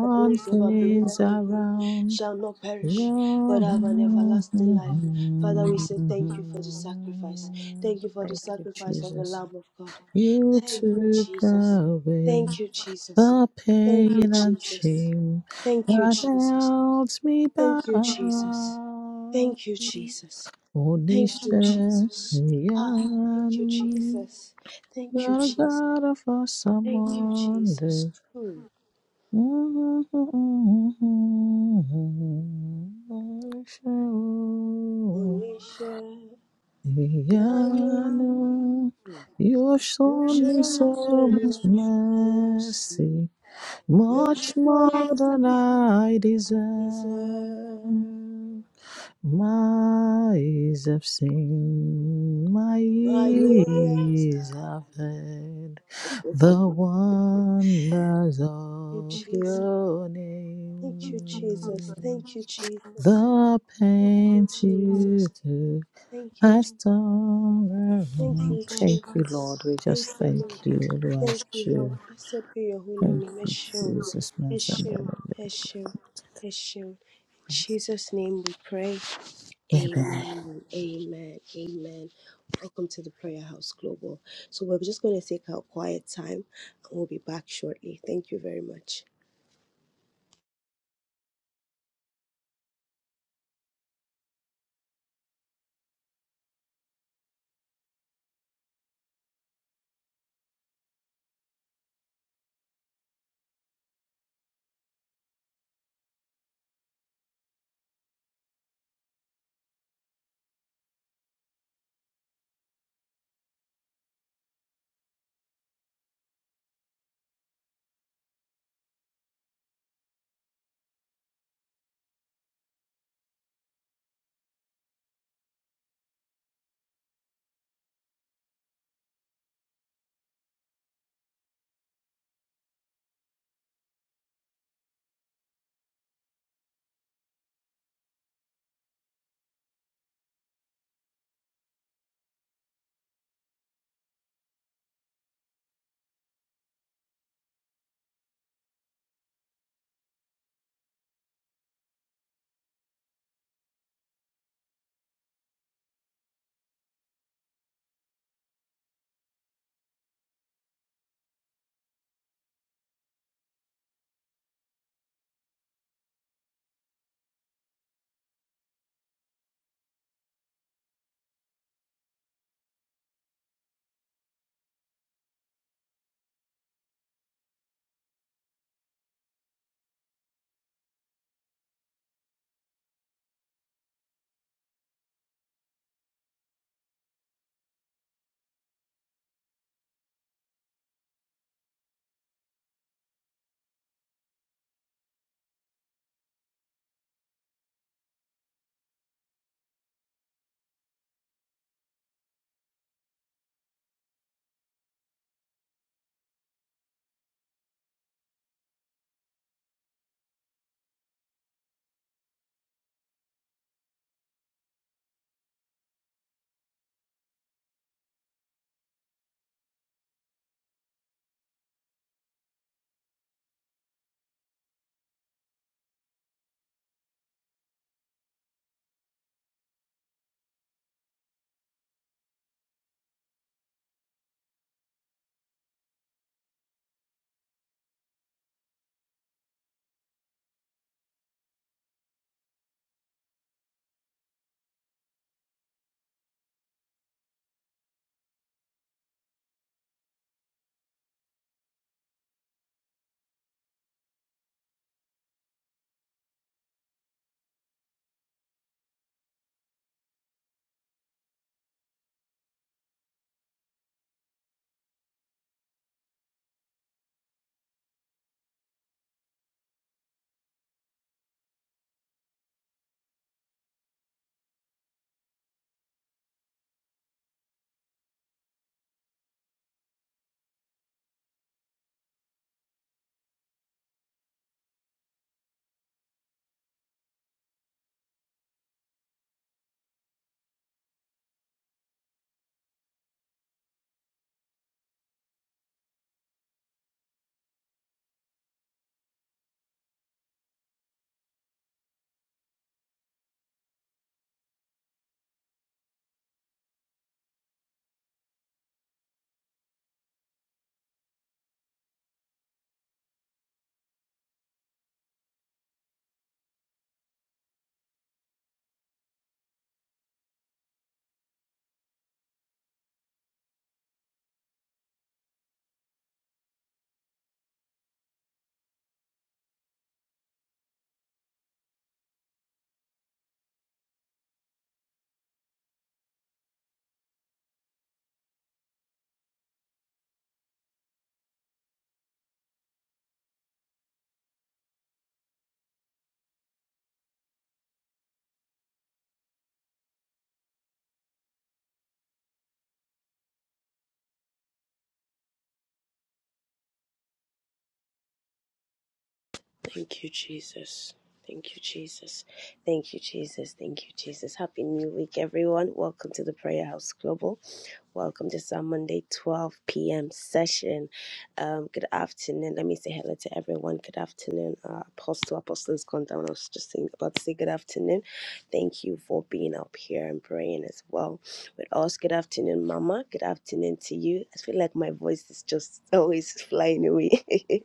C: that whosoever
B: things
C: believeth in him
B: around.
C: shall not perish, but have an everlasting life. Father, we say thank you for the sacrifice. Thank you for the
B: Thank you,
C: sacrifice of the
B: Jesus.
C: Lamb of God.
B: You
C: Thank you,
B: took
C: Jesus.
B: away
C: Thank you, Jesus.
B: the
C: Thank you,
B: pain and
C: Jesus.
B: shame
C: Thank you,
B: that
C: Jesus.
B: held me
C: Thank you, Jesus.
B: bound.
C: Thank you, Jesus.
B: Only
C: Thank you, Jesus. Ah, thank you,
B: Shayanu,
C: Jesus. Thank you,
B: you're a
C: Jesus.
B: God of awesome
C: Thank you, Jesus.
B: wonders.
C: Hmm. Oníṣẹ́ ìyanu,
B: Shayanu, you've
C: you
B: shown me
C: show me so
B: so much
C: much mercy,
B: mercy.
C: much
B: Much more
C: more than
B: than
C: I
B: I deserve,
C: deserve.
B: my eyes have seen, my
C: My ears
B: ears
C: are.
B: have heard the wonders
C: Thank you,
B: of
C: Jesus.
B: your name.
C: Thank you, Jesus. Thank you, Jesus.
B: The
C: Thank you,
B: pain
C: Jesus.
B: to
C: Thank you, Jesus.
B: has turned
C: Thank
B: around.
C: you,
B: Thank you,
C: Jesus.
B: Lord. We just
C: Thank you,
B: thank
C: Lord.
B: you,
C: Thank you,
B: Lord.
C: Lord. Blessed be your holy
B: Thank
C: name.
B: you,
C: Eshel,
B: Jesus, my son. that I
C: Eshel,
B: love
C: Eshel, Eshel. In Jesus' name we pray.
B: Amen.
C: Amen. Amen. Amen. Welcome to the Prayer House Global. So we're just going to take our quiet time and we'll be back shortly. Thank you very much. Thank you, Jesus. Thank you, Jesus. Thank you, Jesus. Thank you, Jesus. Happy New Week, everyone. Welcome to the Prayer House Global. Welcome to our Monday 12 p.m. session. Um, good afternoon. Let me say hello to everyone. Good afternoon. Uh, Apostle, Apostle has gone down. I was just saying, about to say good afternoon. Thank you for being up here and praying as well with us. Good afternoon, Mama. Good afternoon to you. I feel like my voice is just always flying away.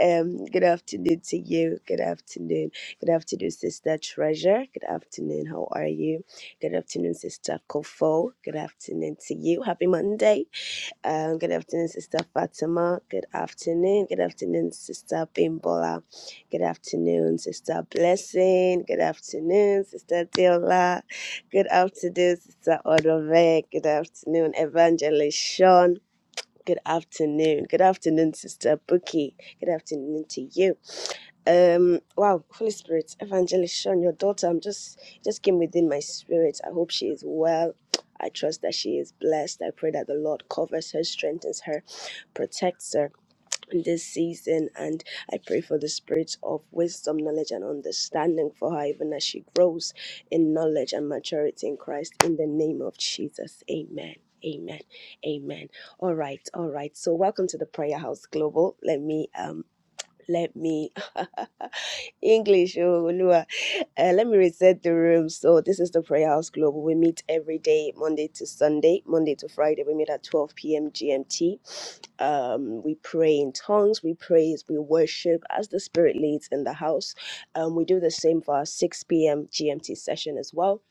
C: um, good afternoon to you. Good afternoon. Good afternoon, Sister Treasure. Good afternoon. How are you? Good afternoon, Sister Kofo. Good afternoon to you. Happy Monday. Um, good afternoon, Sister Fatima. Good afternoon. Good afternoon, Sister Bimbola. Good afternoon, Sister Blessing. Good afternoon, Sister Diola. Good afternoon, Sister Odove. Good afternoon, Evangelist Sean. Good afternoon. Good afternoon, Sister Buki. Good afternoon to you. Um, wow, Holy Spirit, Evangelist Shawn, your daughter, I'm just it just came within my spirit. I hope she is well. I trust that she is blessed. I pray that the Lord covers her, strengthens her, protects her in this season. And I pray for the spirit of wisdom, knowledge, and understanding for her, even as she grows in knowledge and maturity in Christ. In the name of Jesus. Amen. Amen. Amen. All right. All right. So welcome to the Prayer House Global. Let me um let me English, oh, Olua. Uh, let me reset the room. So, this is the Prayer House Global. We meet every day, Monday to Sunday, Monday to Friday. We meet at 12 p.m. GMT. Um, we pray in tongues, we praise, we worship as the Spirit leads in the house. Um, we do the same for our 6 p.m. GMT session as well.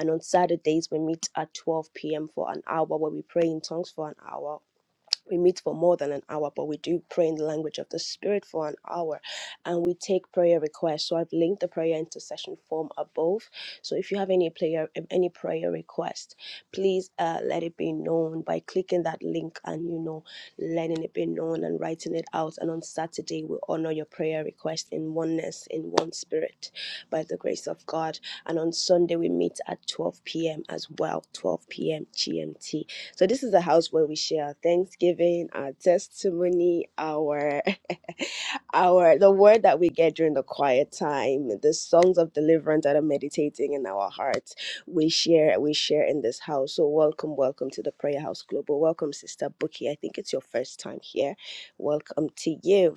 C: And on Saturdays, we meet at 12 p.m. for an hour where we pray in tongues for an hour we meet for more than an hour, but we do pray in the language of the Spirit for an hour and we take prayer requests. So I've linked the prayer intercession form above. So if you have any prayer any prayer request, please uh, let it be known by clicking that link and you know letting it be known and writing it out. And on Saturday we honor your prayer request in oneness, in one spirit, by the grace of God. And on Sunday we meet at 12 p.m. as well, 12 p.m. GMT. So this is a house where we share our thanksgiving, our testimony, our our the word that we get during the quiet time, the songs of deliverance that are meditating in our hearts. We share, we share in this house. So welcome, welcome to the Prayer House Global. Welcome, Sister Bookie. I think it's your first time here. Welcome to you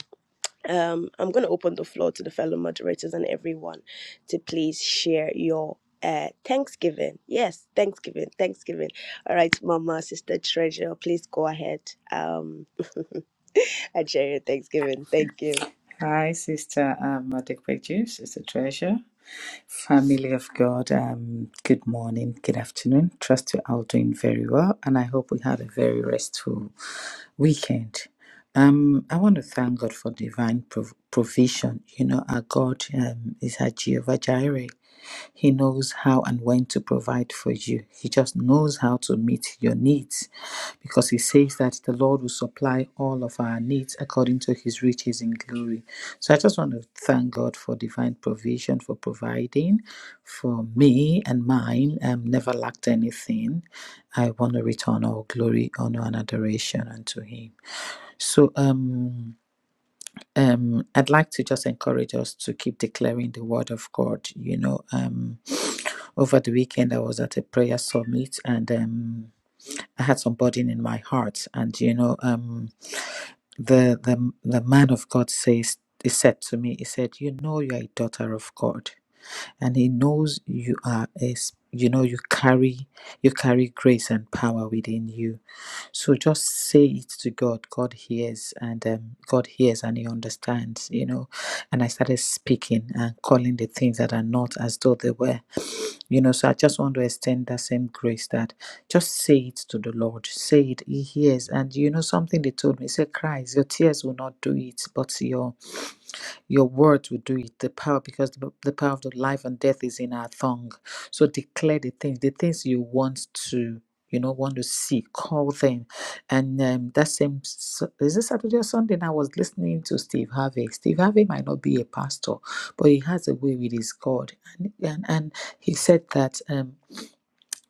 C: um, I'm going to open the floor to the fellow moderators and everyone to please share your uh, Thanksgiving. Yes, Thanksgiving, Thanksgiving. All right, Mama, Sister Treasure, please go ahead. Um, and share your Thanksgiving. Thank you.
B: Hi, Sister um, Juice. It's a Treasure, family of God. Um, good morning, good afternoon. Trust you all doing very well, and I hope we had a very restful weekend. Um, I want to thank God for divine prov- provision. You know, our God um, is our Jehovah Jireh. He knows how and when to provide for you. He just knows how to meet your needs because He says that the Lord will supply all of our needs according to His riches in glory. So I just want to thank God for divine provision, for providing for me and mine. I've never lacked anything. I want to return all glory, honor, and adoration unto Him. So, um, um, I'd like to just encourage us to keep declaring the word of God. You know, um, over the weekend I was at a prayer summit, and um, I had some burden in my heart, and you know, um, the the the man of God says he said to me, he said, "You know, you are a daughter of God, and He knows you are a s- you know you carry you carry grace and power within you. So just say it to God. God hears, and um, God hears, and He understands. You know." And I started speaking and calling the things that are not as though they were. You know, so I just want to extend that same grace that just say it to the Lord. Say it, He hears. And you know, something they told me, say, Christ, your tears will not do it, but your your words will do it. The power, because the, the power of the life and death is in our tongue. So declare the things, the things you want to, you know, want to see. Call them. And um, that same s- is this Saturday or Sunday. And I was listening to Steve Harvey. Steve Harvey might not be a pastor, but he has a way with his God, and and, and he said that. Um,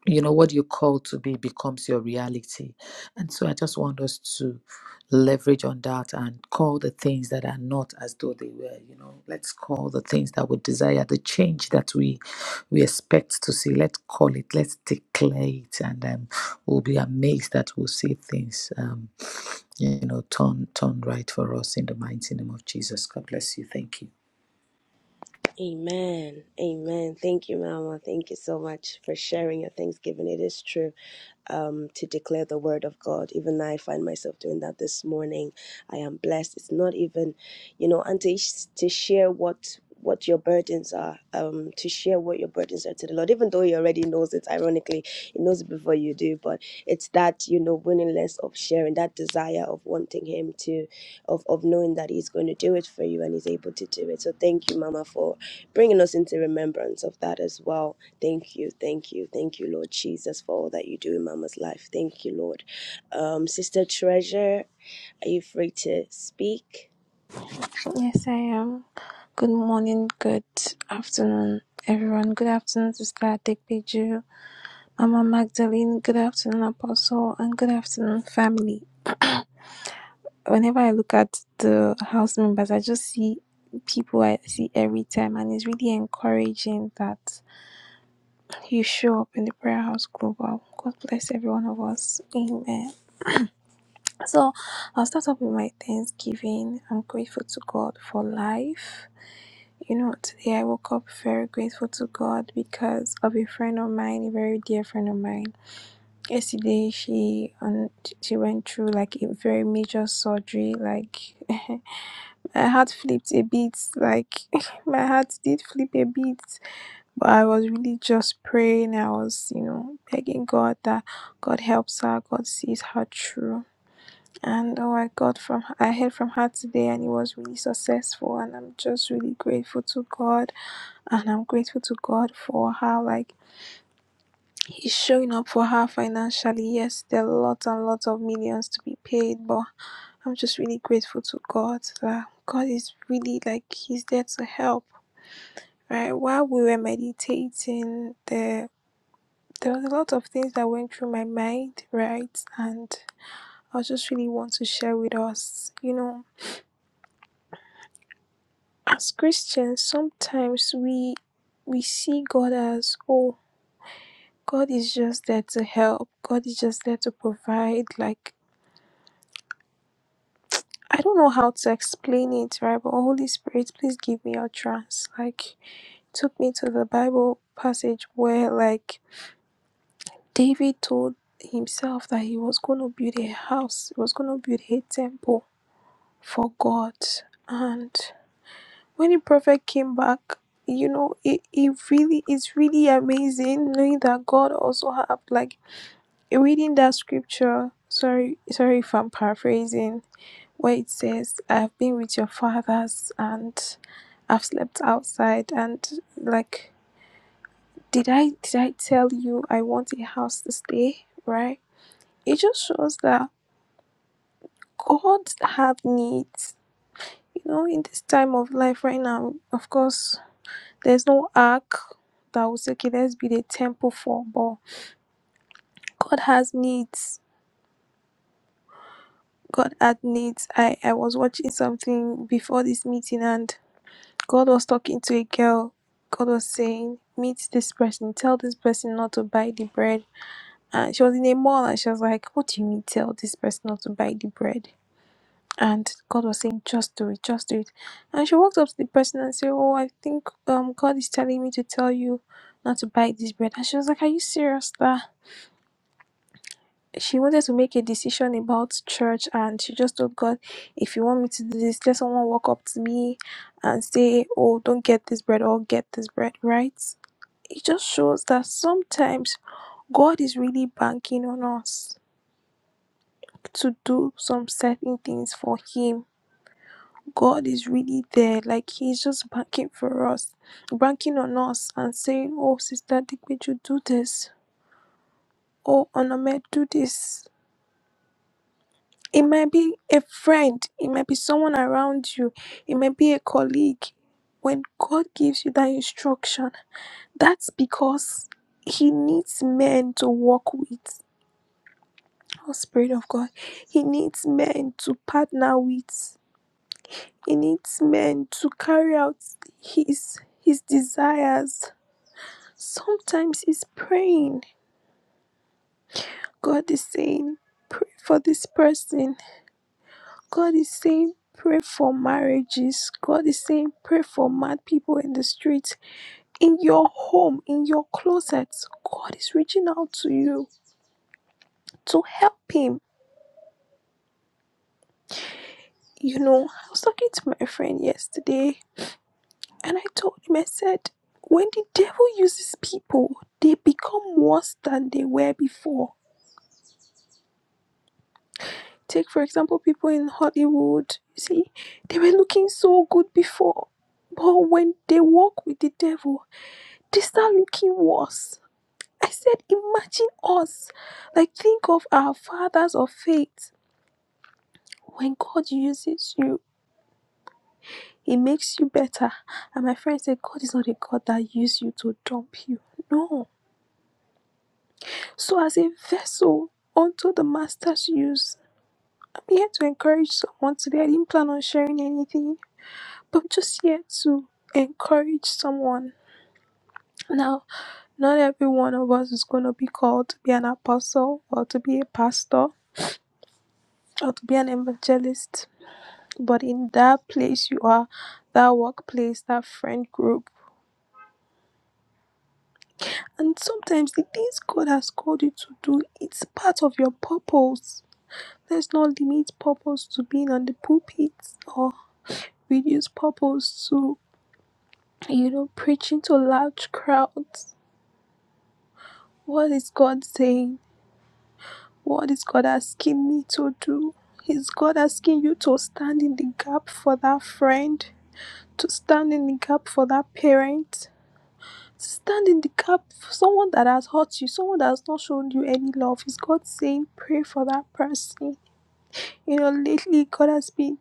B: you know what you call to be becomes your reality and so i just want us to leverage on that and call the things that are not as though they were you know let's call the things that we desire the change that we we expect to see let's call it let's declare it and um, we'll be amazed that we'll see things um, you know turn turn right for us in the mighty name of jesus god bless you thank you
C: Amen. Amen. Thank you, Mama. Thank you so much for sharing your Thanksgiving. It is true um, to declare the word of God. Even I find myself doing that this morning. I am blessed. It's not even, you know, and to, to share what what your burdens are, um, to share what your burdens are to the Lord, even though He already knows it, ironically, He knows it before you do, but it's that, you know, willingness of sharing, that desire of wanting Him to, of, of knowing that He's going to do it for you and He's able to do it. So thank you, Mama, for bringing us into remembrance of that as well. Thank you, thank you, thank you, Lord Jesus, for all that you do in Mama's life. Thank you, Lord. Um, Sister Treasure, are you free to speak?
D: Yes, I am. Good morning, good afternoon, everyone. Good afternoon, Sister Atekpeju, Mama Magdalene. Good afternoon, Apostle, and good afternoon, family. Whenever I look at the house members, I just see people I see every time, and it's really encouraging that you show up in the Prayer House Global. God bless every one of us. Amen. So I'll start off with my thanksgiving. I'm grateful to God for life. You know, today I woke up very grateful to God because of a friend of mine, a very dear friend of mine. Yesterday, she um, she went through like a very major surgery. Like my heart flipped a bit. Like my heart did flip a bit, but I was really just praying. I was, you know, begging God that God helps her. God sees her through. And oh, I got from I heard from her today, and it was really successful. And I'm just really grateful to God and I'm grateful to God for how like He's showing up for her financially. Yes, there are lots and lots of millions to be paid, but I'm just really grateful to God that God is really like He's there to help. Right? While we were meditating, there there was a lot of things that went through my mind, right? And I just really want to share with us, you know, as Christians, sometimes we we see God as oh God is just there to help. God is just there to provide. Like, I don't know how to explain it, right? But Holy Spirit, please give me a trance. Like, took me to the Bible passage where, like, David told himself that he was going to build a house, he was going to build a temple for God. And when the prophet came back, you know, it, it really is really amazing knowing that God also have like reading that scripture, sorry, sorry if I'm paraphrasing, where it says, I've been with your fathers and I've slept outside and like did I did I tell you I want a house to stay? Right? It just shows that God had needs. You know, in this time of life right now, of course, there's no ark that will say, okay, let's be the temple for, but God has needs God had needs. I, I was watching something before this meeting and God was talking to a girl. God was saying, Meet this person, tell this person not to buy the bread. And she was in a mall and she was like, What do you mean tell this person not to buy the bread? And God was saying, Just do it, just do it. And she walked up to the person and said, Oh, I think um God is telling me to tell you not to buy this bread. And she was like, Are you serious? sir?" she wanted to make a decision about church and she just told God, if you want me to do this, let someone walk up to me and say, Oh, don't get this bread or get this bread, right? It just shows that sometimes God is really banking on us to do some certain things for Him. God is really there, like He's just banking for us, banking on us and saying, Oh, Sister Dick, would you do this? Oh, Onomed, do this It might be a friend, it might be someone around you, it might be a colleague. When God gives you that instruction, that's because He needs men to walk with. Oh, Spirit of God, He needs men to partner with. He needs men to carry out His His desires. Sometimes He's praying. God is saying, "Pray for this person." God is saying, pray for marriages. God is saying, pray for mad people in the streets, in your home, in your closets. God is reaching out to you to help him. You know, I was talking to my friend yesterday and I told him, I said, when the devil uses people, they become worse than they were before. Take, for example, people in Hollywood. You see, they were looking so good before. But when they walk with the devil, they start looking worse. I said, imagine us. Like, think of our fathers of faith. When God uses you, He makes you better. And my friend said, God is not a God that uses you to dump you. No. So, as a vessel unto the Master's use, I'm here to encourage someone today. I didn't plan on sharing anything, but I'm just here to encourage someone. Now, not every one of us is going to be called to be an apostle or to be a pastor or to be an evangelist but in that place you are, that workplace, that friend group. And sometimes the things God has called you to do, it's part of your purpose. Let's not limit purpose to being on the pulpit or reduce purpose to, you know, preaching to large crowds. What is God saying? What is God asking me to do? Is God asking you to stand in the gap for that friend? To stand in the gap for that parent? Stand in the gap for someone that has hurt you, someone that has not shown you any love. Is God saying, pray for that person? You know, lately, God has been,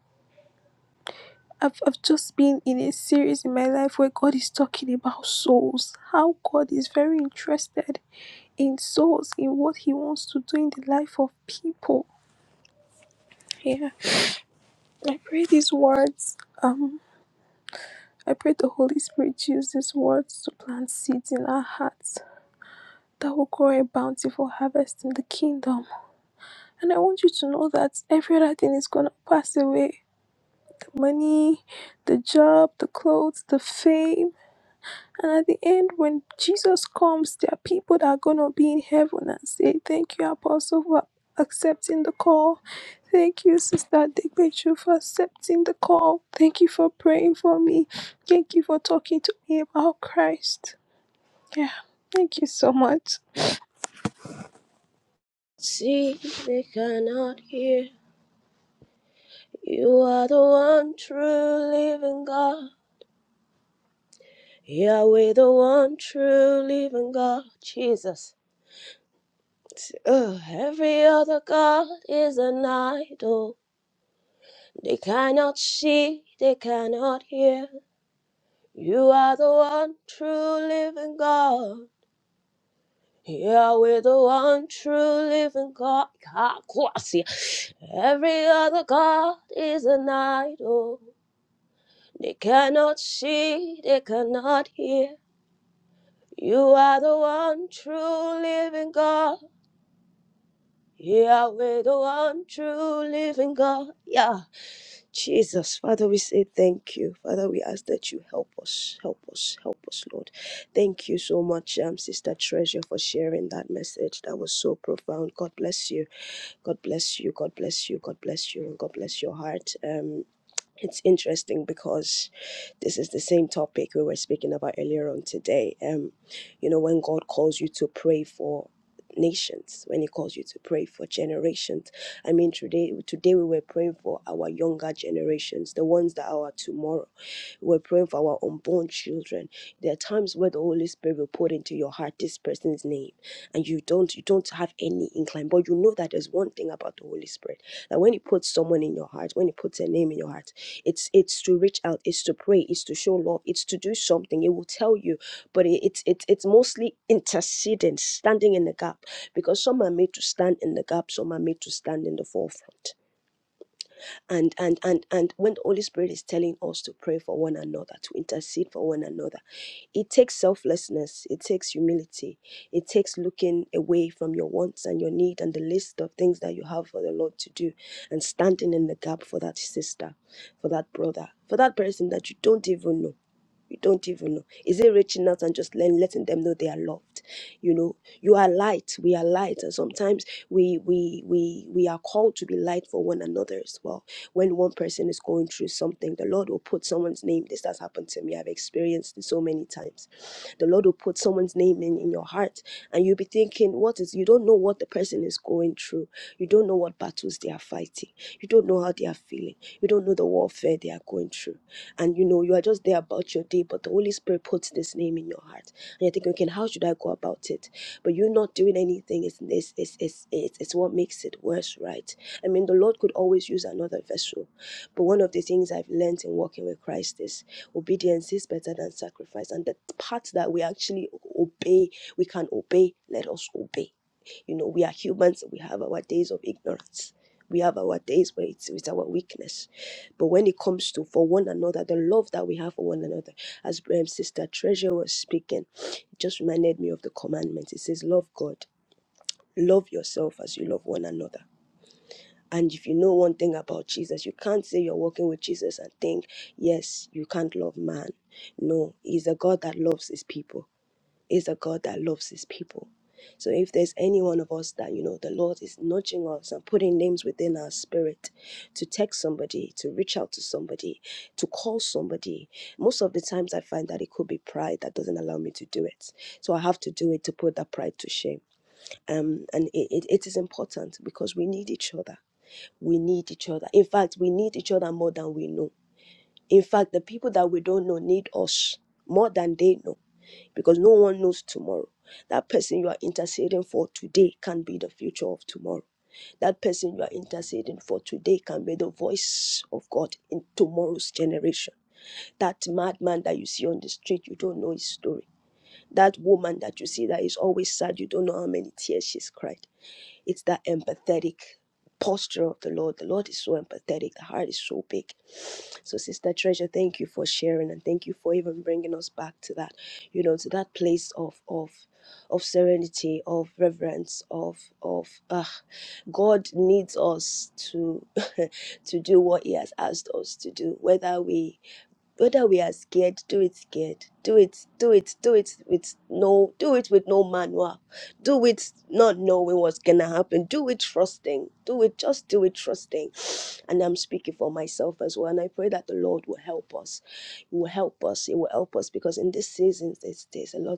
D: I've, I've just been in a series in my life where God is talking about souls, how God is very interested in souls, in what He wants to do in the life of people. Yeah. I pray these words. Um, I pray the Holy Spirit use these words to plant seeds in our hearts that will grow a bountiful harvest in the kingdom. And I want you to know that every other thing is going to pass away the money, the job, the clothes, the fame. And at the end, when Jesus comes, there are people that are going to be in heaven and say, Thank you, Apostle, for accepting the call. Thank you, Sister Digbechu, for accepting the call. Thank you for praying for me. Thank you for talking to me about Christ. Yeah, thank you so much.
C: See, they cannot hear. You are the one true living God. Yahweh, the one true living God, Jesus. Ugh, every other God is an idol. They cannot see, they cannot hear. You are the one true living God. Yahweh, the one true living God. Kakwasi. Every other God is an idol. They cannot see, they cannot hear. You are the one true living God. Yahweh, the one true living God. Yeah. Jesus, Father, we say thank you. Father, we ask that you help us, help us, help us, Lord. Thank you so much, um, Sister Treasure, for sharing that message. That was so profound. God bless you. God bless you. God bless you. God bless you. And God bless your heart. Um, it's interesting because this is the same topic we were speaking about earlier on today. Um, you know, when God calls you to pray for nations, when He calls you to pray for generations. I mean, today today we were praying for our younger generations, the ones that are our tomorrow we're praying for our unborn children. There are times where the Holy Spirit will put into your heart this person's name, and you don't you don't have any incline, but you know that there's one thing about the Holy Spirit that when He puts someone in your heart, when He puts a name in your heart, it's it's to reach out, it's to pray, it's to show love, it's to do something. It will tell you, but it, it's it's it's mostly interceding, standing in the gap, because some are made to stand in the gap, some are made to stand in the forefront and and and and when the holy spirit is telling us to pray for one another to intercede for one another it takes selflessness it takes humility it takes looking away from your wants and your need and the list of things that you have for the lord to do and standing in the gap for that sister for that brother for that person that you don't even know you don't even know. Is it reaching out and just letting, letting them know they are loved? You know, you are light. We are light, and sometimes we we we we are called to be light for one another as well. When one person is going through something, the Lord will put someone's name. This has happened to me. I've experienced it so many times. The Lord will put someone's name in in your heart, and you'll be thinking, what is? You don't know what the person is going through. You don't know what battles they are fighting. You don't know how they are feeling. You don't know the warfare they are going through and you know you are just there about your day but the holy spirit puts this name in your heart and you're thinking okay how should i go about it but you're not doing anything it's it's it's it's, it's, it's what makes it worse right i mean the lord could always use another vessel but one of the things i've learned in walking with christ is obedience is better than sacrifice and the part that we actually obey we can obey let us obey you know, we are humans, we have our days of ignorance. We have our days where it's, it's our weakness. But when it comes to for one another, the love that we have for one another, as um, Sister Treasure was speaking, it just reminded me of the commandment. It says, Love God, love yourself as you love one another. And if you know one thing about Jesus, you can't say you're walking with Jesus and think, yes, you can't love man. No, he's a God that loves his people is a God that loves his people. So if there's any one of us that, you know, the Lord is nudging us and putting names within our spirit to text somebody, to reach out to somebody, to call somebody, most of the times I find that it could be pride that doesn't allow me to do it. So I have to do it to put that pride to shame. Um, and it, it, it is important because we need each other. We need each other. In fact, we need each other more than we know. In fact, the people that we don't know need us more than they know because no one knows tomorrow. That person you are interceding for today can be the future of tomorrow. That person you are interceding for today can be the voice of God in tomorrow's generation. That madman that you see on the street, you don't know his story. That woman that you see that is always sad, you don't know how many tears she's cried. It's that empathetic posture of the Lord. The Lord is so empathetic. The heart is so big. So, Sister Treasure, thank you for sharing and thank you for even bringing us back to that, you know, to that place of of of serenity, of reverence, of of uh, God needs us to to do what He has asked us to do, whether we whether we are scared do it scared do it do it do it with no do it with no manual do it not knowing what's gonna happen do it trusting do it just do it trusting and i'm speaking for myself as well and i pray that the lord will help us he will help us he will help us because in this season there's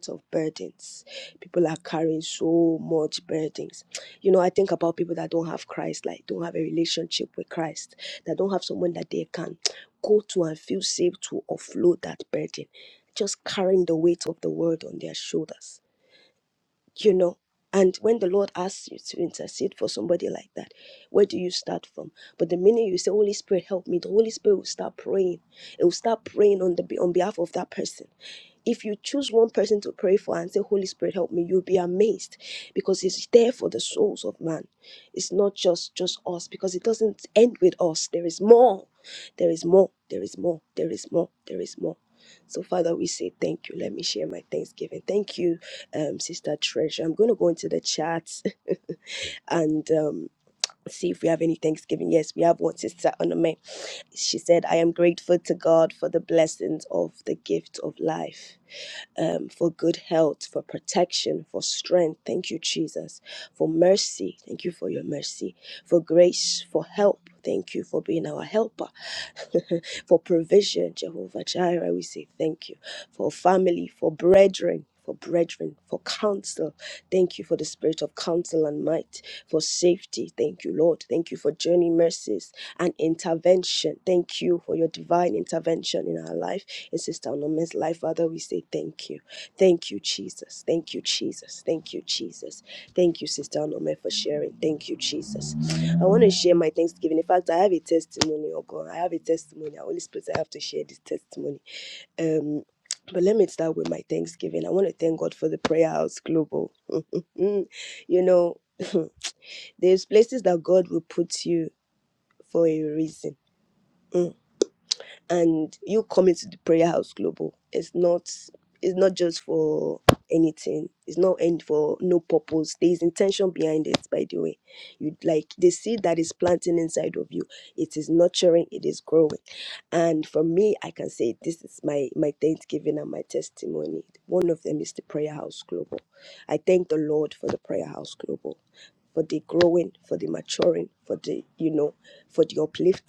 C: of burdens. People are carrying so much burdens. You know, I think about people that don't have Christ, like don't have a relationship with Christ, that don't have someone that they can go to and feel safe to offload that burden, just carrying the weight of the world on their shoulders, you know. And when the Lord asks you to intercede for somebody like that, where do you start from? But the minute you say, Holy Spirit, help me, the Holy Spirit will start praying. It will start praying on the on behalf of that person if you choose one person to pray for and say, Holy Spirit, help me, you'll be amazed because it's there for the souls of man. It's not just just us because it doesn't end with us. There is more. There is more. There is more. There is more. There is more. So, Father, we say thank you. Let me share my thanksgiving. Thank you, um, Sister Treasure. I'm going to go into the chat and um, see if we have any thanksgiving. Yes, we have one sister on She said, I am grateful to God for the blessings of the gift of life um, for good health, for protection, for strength. Thank you, Jesus. For mercy. Thank you for your mercy. For grace, for help. Thank you for being our helper, for provision, Jehovah Jireh. We say thank you for family, for brethren, for brethren, for counsel. Thank you for the spirit of counsel and might, for safety. Thank you, Lord. Thank you for journey mercies and intervention. Thank you for your divine intervention in our life and Sister Olumi's life. Father, we say thank you. Thank you, Jesus. Thank you, Jesus. Thank you, Jesus. Thank you, Sister Onome, for sharing. Thank you, Jesus. I want to share my thanksgiving. In fact, I have a testimony, oh God. I have a testimony. Holy Spirit, I have to share this testimony. Um, but let me start with my thanksgiving. I want to thank God for the Prayer House Global. Mm, you know, there's places that God will put you for a reason. Mm. and you coming to the prayer house global it's not it's not just for anything it's not end for no purpose there's intention behind it by the way you like the seed that is planting inside of you it is nurturing it is growing and for me i can say this is my my thanksgiving and my testimony one of the house global i thank the lord for the house global for the growing for for the you know for the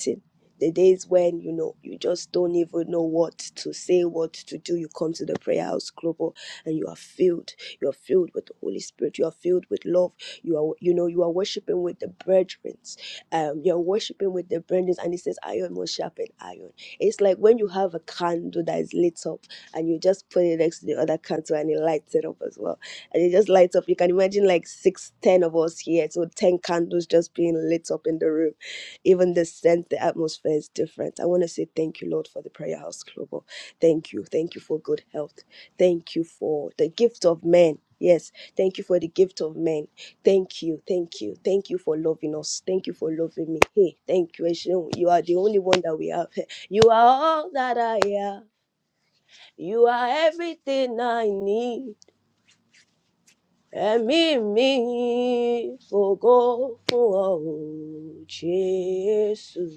C: acting. The days when you know you just don't even know what to say, what to do, you come to the prayer house global and you are filled. You are filled with the Holy Spirit. You are filled with love. You are you know you are worshiping with the brethren. Um, you are worshiping with the brethren, and it says iron will sharpen iron. It's like when you have a candle that is lit up and you just put it next to the other candle and it lights it up as well. And it just lights up. You can imagine like six, ten of us here, so ten candles just being lit up in the room even the scent, the atmosphere is different. I want to say thank you, Lord, for the Prayer House Global. Thank you. Thank you for good health. Thank you for the gift of men. Yes, thank you for the gift of men. Thank you, thank you, thank you for loving us. Thank you for loving me. Hey, thank you, Esheun. You are the only one that we have. Hey, You are all that I am. You are everything I need. And me, me, for o for Jesus.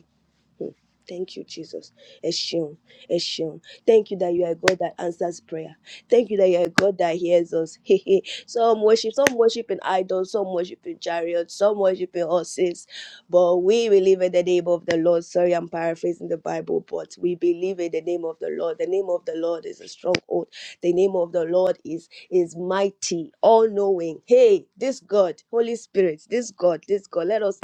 C: Thank you, Jesus. Eshim, Eshim. Thank you that you are a God that answers prayer. Thank you that you are a God that hears us. Hehe. some worship, some worship in idols, some worship in chariots, some worship in horses. But we believe in the name of the Lord. Sorry, I'm paraphrasing the Bible, but we believe in the name of the Lord. The name of the Lord is a stronghold. The name of the Lord is is mighty, all knowing. Hey, this God, Holy Spirit, this God, this God. Let us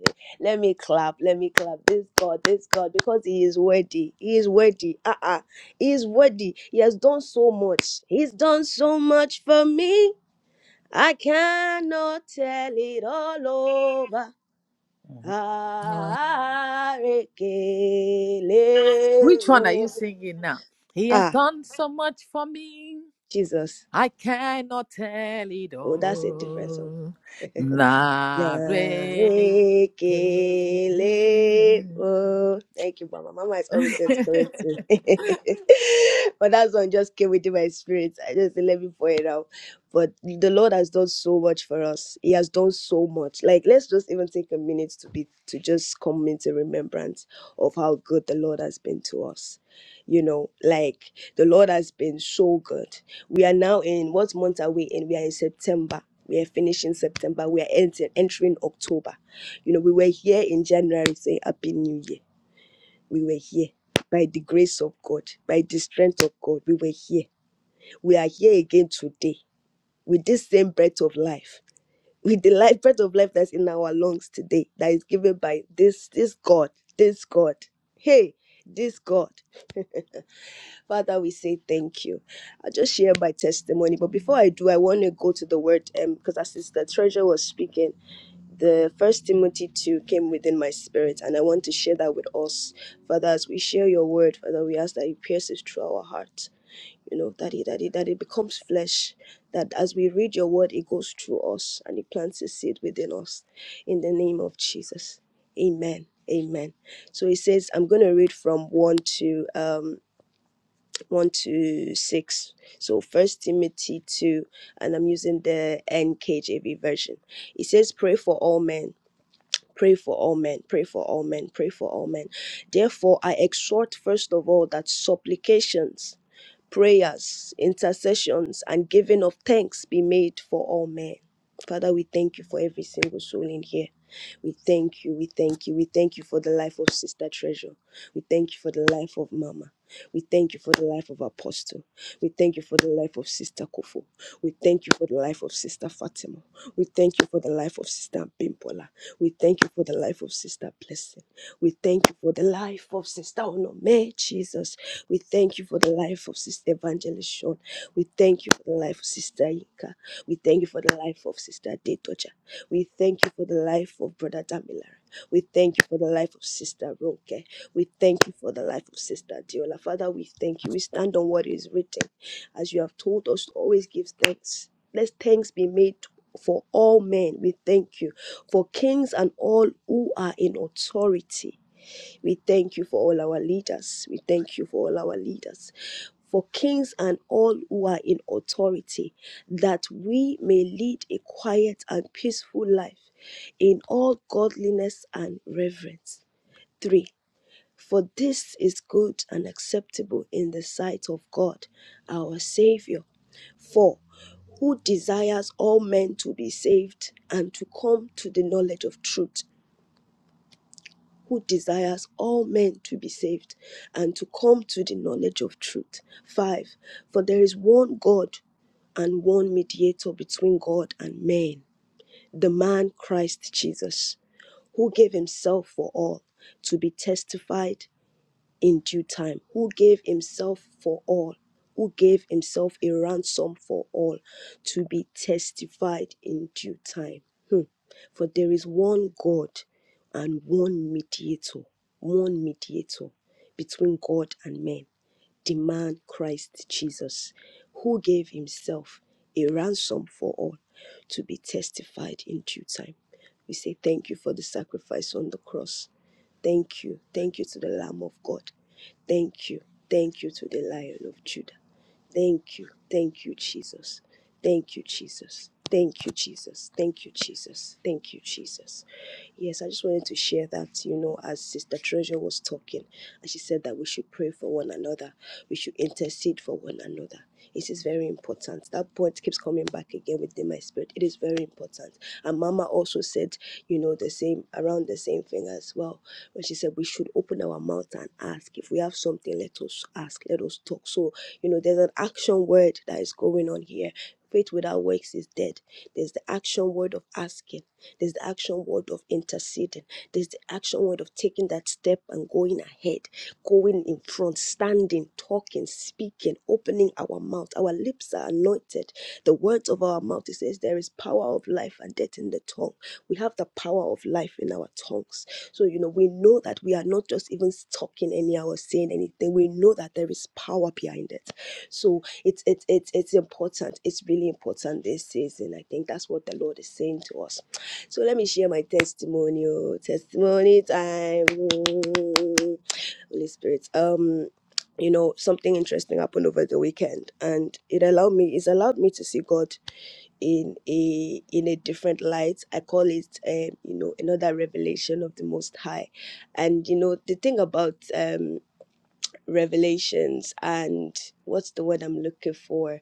C: Let me clap. Let me clap. This God, this God, because He is worthy. He is worthy. Uh uh He is worthy. He has done so much. He's done so much for me. I cannot tell it all over.
B: Mhm. which one are you
C: Arekelemo.
B: singing now he has
C: Ah,
B: done so much for me
C: Jesus.
B: I cannot tell it
C: Oh, that's a different song.
B: all. Narrate.
C: Lahekelemo. Thank you, Mama. Mama is always there to correct me. but that one just came within my spirit. I just didn't let me pour it out. But the Lord has done so much for us. He has done so much. Like let's just even take a minute to be to just come into remembrance of how good the Lord has been to us. You know, like the Lord has been so good. We are now in what month are we in? We are in September. We are finishing September. We are entering, entering October. You know, we were here in January saying Happy New Year. We were here by the grace of God, by the strength of God. We were here. We are here again today with this same breath of life, with the life breath of life that's in our lungs today, that is given by this this God, this God. Hey, this God. Father, we say thank you. I just share my testimony, but before I do, I want to go to the word um, because as Sister Treasure was speaking, the First Timothy two came within my spirit, and I want to share that with us, Father. As we share your word, Father, we ask that you pierce it pierces through our heart. You know that it that it that it becomes flesh. That as we read your word, it goes through us and it plants a seed within us. In the name of Jesus, Amen. Amen. So it says, I'm going to read from one to um 1 to 6. So First Timothy 2, and I'm using the NKJV version. It says, Pray for all men. Pray for all men, pray for all men, pray for all men. Therefore, I exhort first of all that supplications, prayers, intercessions, and giving of thanks be made for all men. Father, we thank you for every single soul in here. We thank you. We thank you. We thank you for the life of Sister Treasure. We thank you for the life of Mama. We thank you for the life of Apostle. We thank you for the life of Sister Kofu. We thank you for the life of Sister Fatima. We thank you for the life of Sister Bimpola. We thank you for the life of Sister Blessing. We thank you for the life of Sister Onome, Jesus. We thank you for the life of Sister Evangelist Shawn. We thank you for the life of Sister Inka. We thank you for the life of Sister Detocha. We thank you for the life of Brother Damilar. We thank you for the life of Sister Ronke. We thank you for the life of Sister Diola. Father, we thank you. We stand on what is written. As you have told us to always give thanks. Let thanks be made for all men. We thank you for kings and all who are in authority. We thank you for all our leaders. We thank you for all our leaders for kings and all who are in authority, that we may lead a quiet and peaceful life in all godliness and reverence. 3. For this is good and acceptable in the sight of God, our Savior. 4. Who has all lived the knowledge of truth, who desires all men to be saved and to come to the knowledge of truth. 5. For there is one God and one mediator between God and men the man Christ Jesus, who gave himself for all to be testified in due time, who gave himself for all, who gave himself a ransom for all to be testified in due time. Hmm. For there is one God and one mediator, one mediator between God and men, the man Christ Jesus, who gave himself a ransom for all to be testified in due time. We say thank you for the sacrifice on the cross. Thank you. Thank you to the Lamb of God. Thank you. Thank you to the Lion of Judah. Thank you. Thank you, Jesus. Thank you, Jesus. Thank you, Jesus. Thank you, Jesus. Thank you, Jesus. Yes, I just wanted to share that, you know, as Sister Treasure was talking, and she said that we should pray for one another, we should intercede for one another. It is very important. That point keeps coming back again within my spirit. It is very important. And Mama also said, you know, the same, around the same thing as well, when she said we should open our mouth and ask. If we have something, let us ask, let us talk. So, you know, there's an action word that is going on here. Faith without works is dead. There's the action word of asking there's the action word of interceding. There's the action word of taking that step and going ahead, going in front, standing, talking, speaking, opening our mouth. Our lips are anointed. The words of our mouth, it says, there is power of life and death in the tongue. We have the power of life in our tongues. So, you know, we know that we are not just even talking anyhow or saying anything. We know that there is power behind it. So it's it's it's it's important. It's really important this season. I think that's what the Lord is saying to us so let me share my testimonial. Testimony time. Mm. Holy Spirit. Um, you know, something interesting happened over the weekend and it allowed me it's allowed me to see God in a in a different light. I call it um, you know, another revelation of the most high. And you know, the thing about um revelations and what's the word I'm looking for?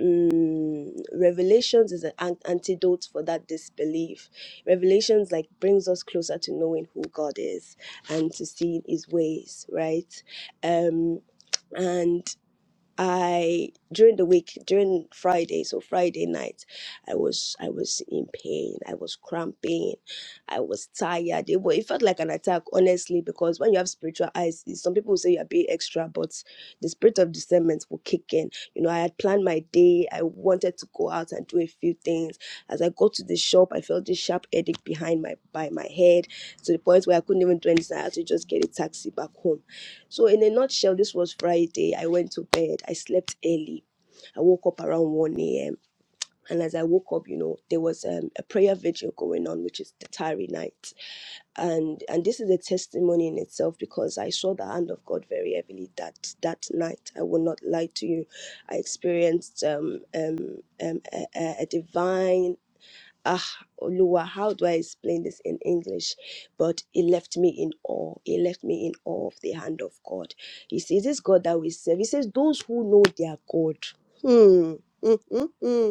C: mm, revelations is an antidote for that disbelief revelations like brings us closer to knowing who god is and to seeing his ways right um and I during the week during Friday so Friday night I was I was in pain I was cramping I was tired it, wa- it felt like an attack honestly because when you have spiritual eyes some people will say you're being extra but the spirit of discernment will kick in you know I had planned my day I wanted to go out and do a few things as I got to the shop I felt this sharp headache behind my by my head to the point where I couldn't even do anything I had to just get a taxi back home so, in a nutshell, this was Friday. I went to bed. I slept early. I woke up around 1 a.m. And as I woke up, you know, there was um, a prayer vigil going on, which is the Tari night. And and this is a testimony in itself because I saw the hand of God very heavily that that night. I will not lie to you. I experienced um, um, um, a, a a divine ah Lua, how do I explain this in English? But it left me in awe. It left me in awe of the hand of God. He says, This God that we serve. He says, Those who know their God. Hmm. Mm, mm, mm.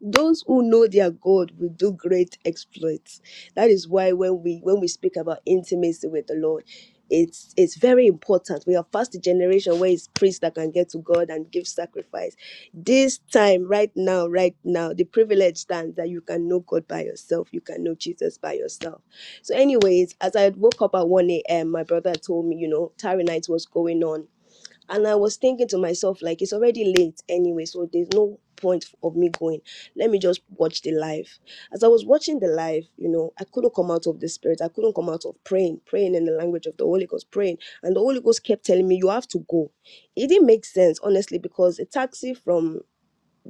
C: Those who know their God will do great exploits. That is why when we when we speak about intimacy with the Lord, it's it's very important. We are past the generation where it's priests that can get to God and give sacrifice. This time, right now, right now, the privilege stands that you can know God by yourself, you can know Jesus by yourself. So, anyways, as I woke up at 1 a.m., my brother told me, you know, Tarry night was going on and I was thinking to myself, like, it's already late anyway, so there's no point of me going. Let me just watch the live. As I was watching the live, you know, I couldn't come out of the spirit. I couldn't come out of praying, praying in the language of the Holy Ghost, praying. And the Holy Ghost kept telling me, you have to go. It didn't make sense, honestly, because a taxi from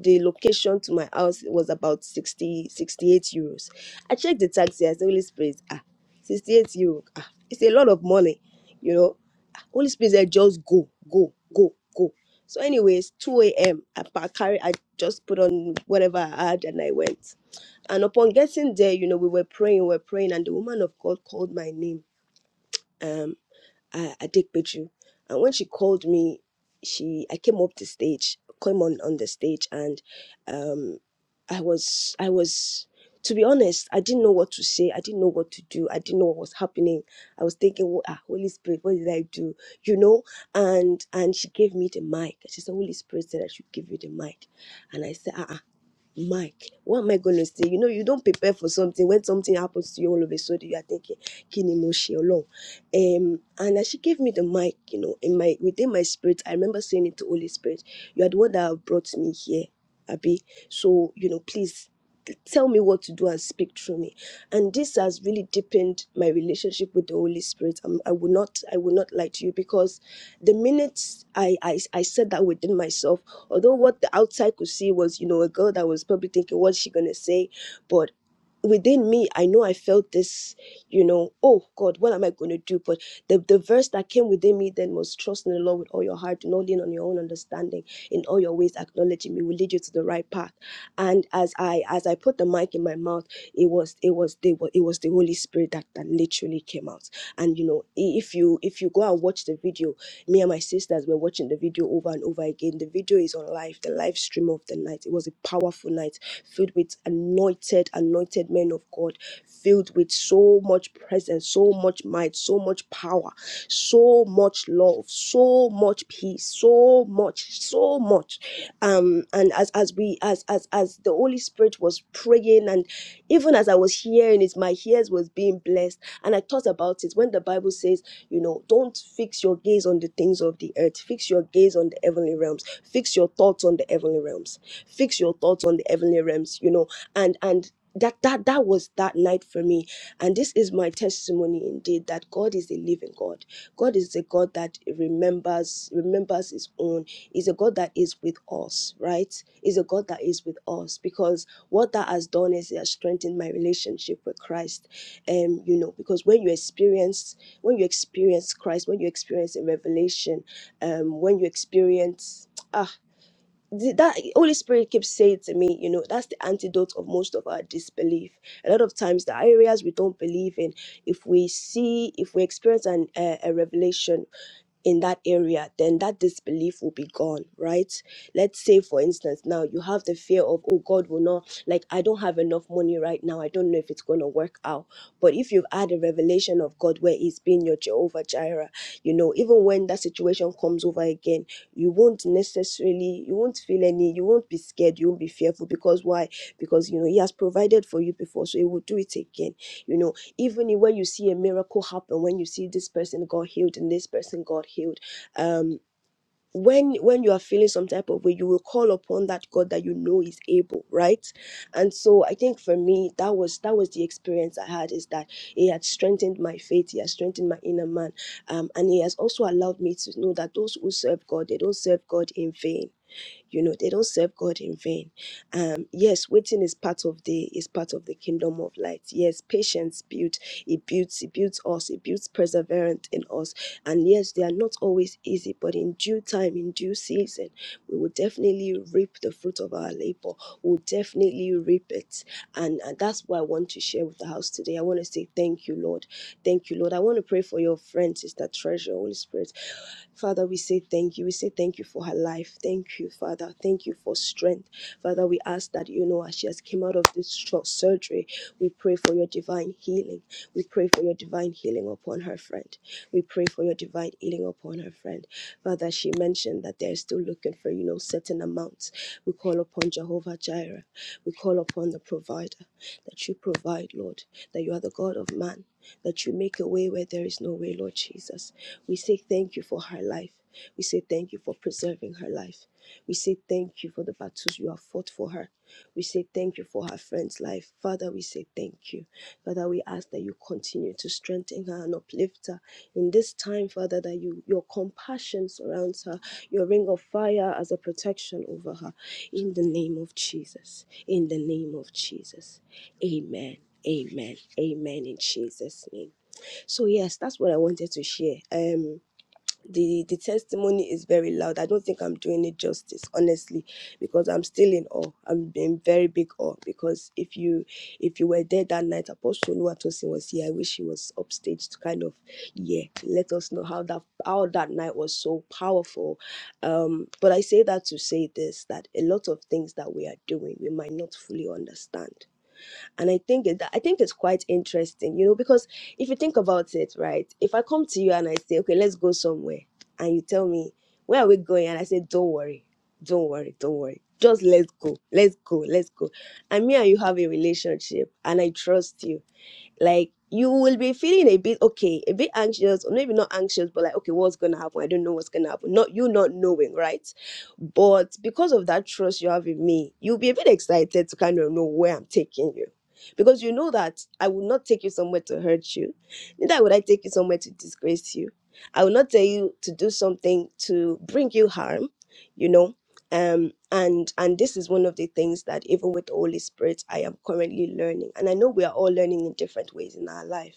C: the location to my house was about 60 68 euros i checked the taxi i said holy spirit ah 68 euro ah it's a lot of money you know Ah, holy spirit said just go go go go so anyways 2 a.m i pa- carry i just put on whatever i had and i went and upon getting there you know we were praying we were praying and the woman of god called my name um, uh, Adekpeju. And when she called me, she I came up the stage, came on on the stage, and um, I was I was to be honest, I didn't know what to say. I didn't know what to do. I didn't know what was happening. I was thinking, "Wha- ah, Holy Spirit, what did I do? You know? And and she gave me the mic. She said, Holy Spirit said I should give you the mic. And I said, ah, ah. Mike, what am I going to say? You know, you don't prepare for something. When something happens to you all of a sudden, you are thinking, Kini mo ṣe Ọlọ́run?" Um, and as she gave me the mic, you know, in my within my spirit, I remember saying it to Holy Spirit, you are the one that have brought me here, Abi. So, you know, please t- tell me what to do and speak through me. And this has really deepened my relationship with the Holy Spirit. Um, I will not I will not lie to you because the minute I I, I said that within myself, Although what the outside could see was, you know, a girl that was probably thinking, what's she gonna say? But within me, I know I felt this, you know, oh God, what am I gonna do? But the, the verse that came within me then was trust in the Lord with all your heart, do not lean on your own understanding, in all your ways acknowledging me will lead you to the right path. And as I as I put the mic in my mouth, it was it was the it was the Holy Spirit that, that literally came out. And you know, i- if you if you go and watch the video, me and my sisters were watching the video over and over again. The video is on live, the live stream of the night. It was a powerful night filled with anointed, anointed men of God, filled with so much presence, so much might, so much power, so much love, so much peace, so much, so much. Um, and as as we as as as the Holy Spirit was praying, and even as I was hearing it, my ears was being blessed. And I thought about it when the Bible says you know, don't fix your gaze on the things of the earth. Fix your gaze on the heavenly realms. Fix your thoughts on the heavenly realms. Fix your thoughts on the heavenly realms, you know, and and that that that was that night for me and this is my testimony indeed that god is a living god god is a god that remembers remembers his own is a god that is with us right is a god that is with us because what that has done is it has strengthened my relationship with christ um you know because when you experience when you experience Christ, when you experience a revelation, um, when you experience ah th- that Holy Spirit keeps saying to me, you know, that's the antidote of most of our disbelief. A lot of times, the areas we don't believe in, if we see, if we experience an, a, a revelation, in that area, then that disbelief will be gone, right? Let's say, for instance, now you have the fear of, oh, God will not, like, I don't have enough money right now. I don't know if it's going to work out. But if you've had a revelation of God where He's been your Jehovah Jireh, you know, even when that situation comes over again, you won't necessarily, you won't feel any, you won't be scared, you won't be fearful. Because why? Because, you know, He has provided for you before, so He will do it again. You know, even i- when you see a miracle happen when you see this person got healed and this person got healed um when when you are feeling some type of way you will call upon that god that you know is able right and so i think for me that was that was the experience i had is that it had strengthened my faith it has strengthened my inner man um, and it has also allowed me to know that those who serve god they don't serve god in vain you know, they don't serve God in vain. Um, yes, waiting is part of the is part of the kingdom of light. Yes, patience builds, it builds, it builds us, it builds perseverance in us. And yes, they are not always easy, but in due time, in due season, we will definitely reap the fruit of our labor. We'll definitely reap it. And, and that's what I want to share with the house today. I want to say thank you, Lord. Thank you, Lord. I want to pray for your friend, Sister Treasure, Holy Spirit. Father, we say thank you. We say thank you for her life. Thank you, Father. Thank you for strength. Father, we ask that, you know, as she has came out of this short surgery, we pray for your divine healing. We pray for your divine healing upon her friend. We pray for your divine healing upon her friend. Father, she mentioned that they're still looking for, you know, certain amounts. We call upon Jehovah Jireh. We call upon the provider that you provide, Lord, that you are the God of man, that you make a way where there is no way, Lord Jesus. We say thank you for her life. We say thank you for preserving her life. We say thank you for the battles you have fought for her. We say thank you for her friend's life. Father, we say thank you. Father, we ask that you continue to strengthen her and uplift her in this time, Father, that you your compassion surrounds her, your ring of fire as a protection over her. In the name of Jesus. In the name of Jesus. Amen. Amen. Amen in Jesus' name. So yes, that's what I wanted to share. Um the the testimony is very loud. I don't think I'm doing it justice, honestly, because I'm still in awe. I'm in very big awe because if you if you were there that night, Apostle Luatosin was here. I wish he was upstage to kind of yeah let us know how that how that night was so powerful. Um, but I say that to say this that a lot of things that we are doing we might not fully understand and i think it, i think it's quite interesting you know because if you think about it right if i come to you and i say okay let's go somewhere and you tell me where are we going and i say don't worry don't worry don't worry just let's go let's go let's go and me and you have a relationship and i trust you like you will be feeling a bit okay, a bit anxious, or maybe not anxious, but like, okay, what's gonna happen? I don't know what's gonna happen. Not you not knowing, right? But because of that trust you have in me, you'll be a bit excited to kind of know where I'm taking you. Because you know that I will not take you somewhere to hurt you, neither would I take you somewhere to disgrace you. I will not tell you to do something to bring you harm, you know um and and this is one of the things that even with the holy spirit i am currently learning and i know we are all learning in different ways in our life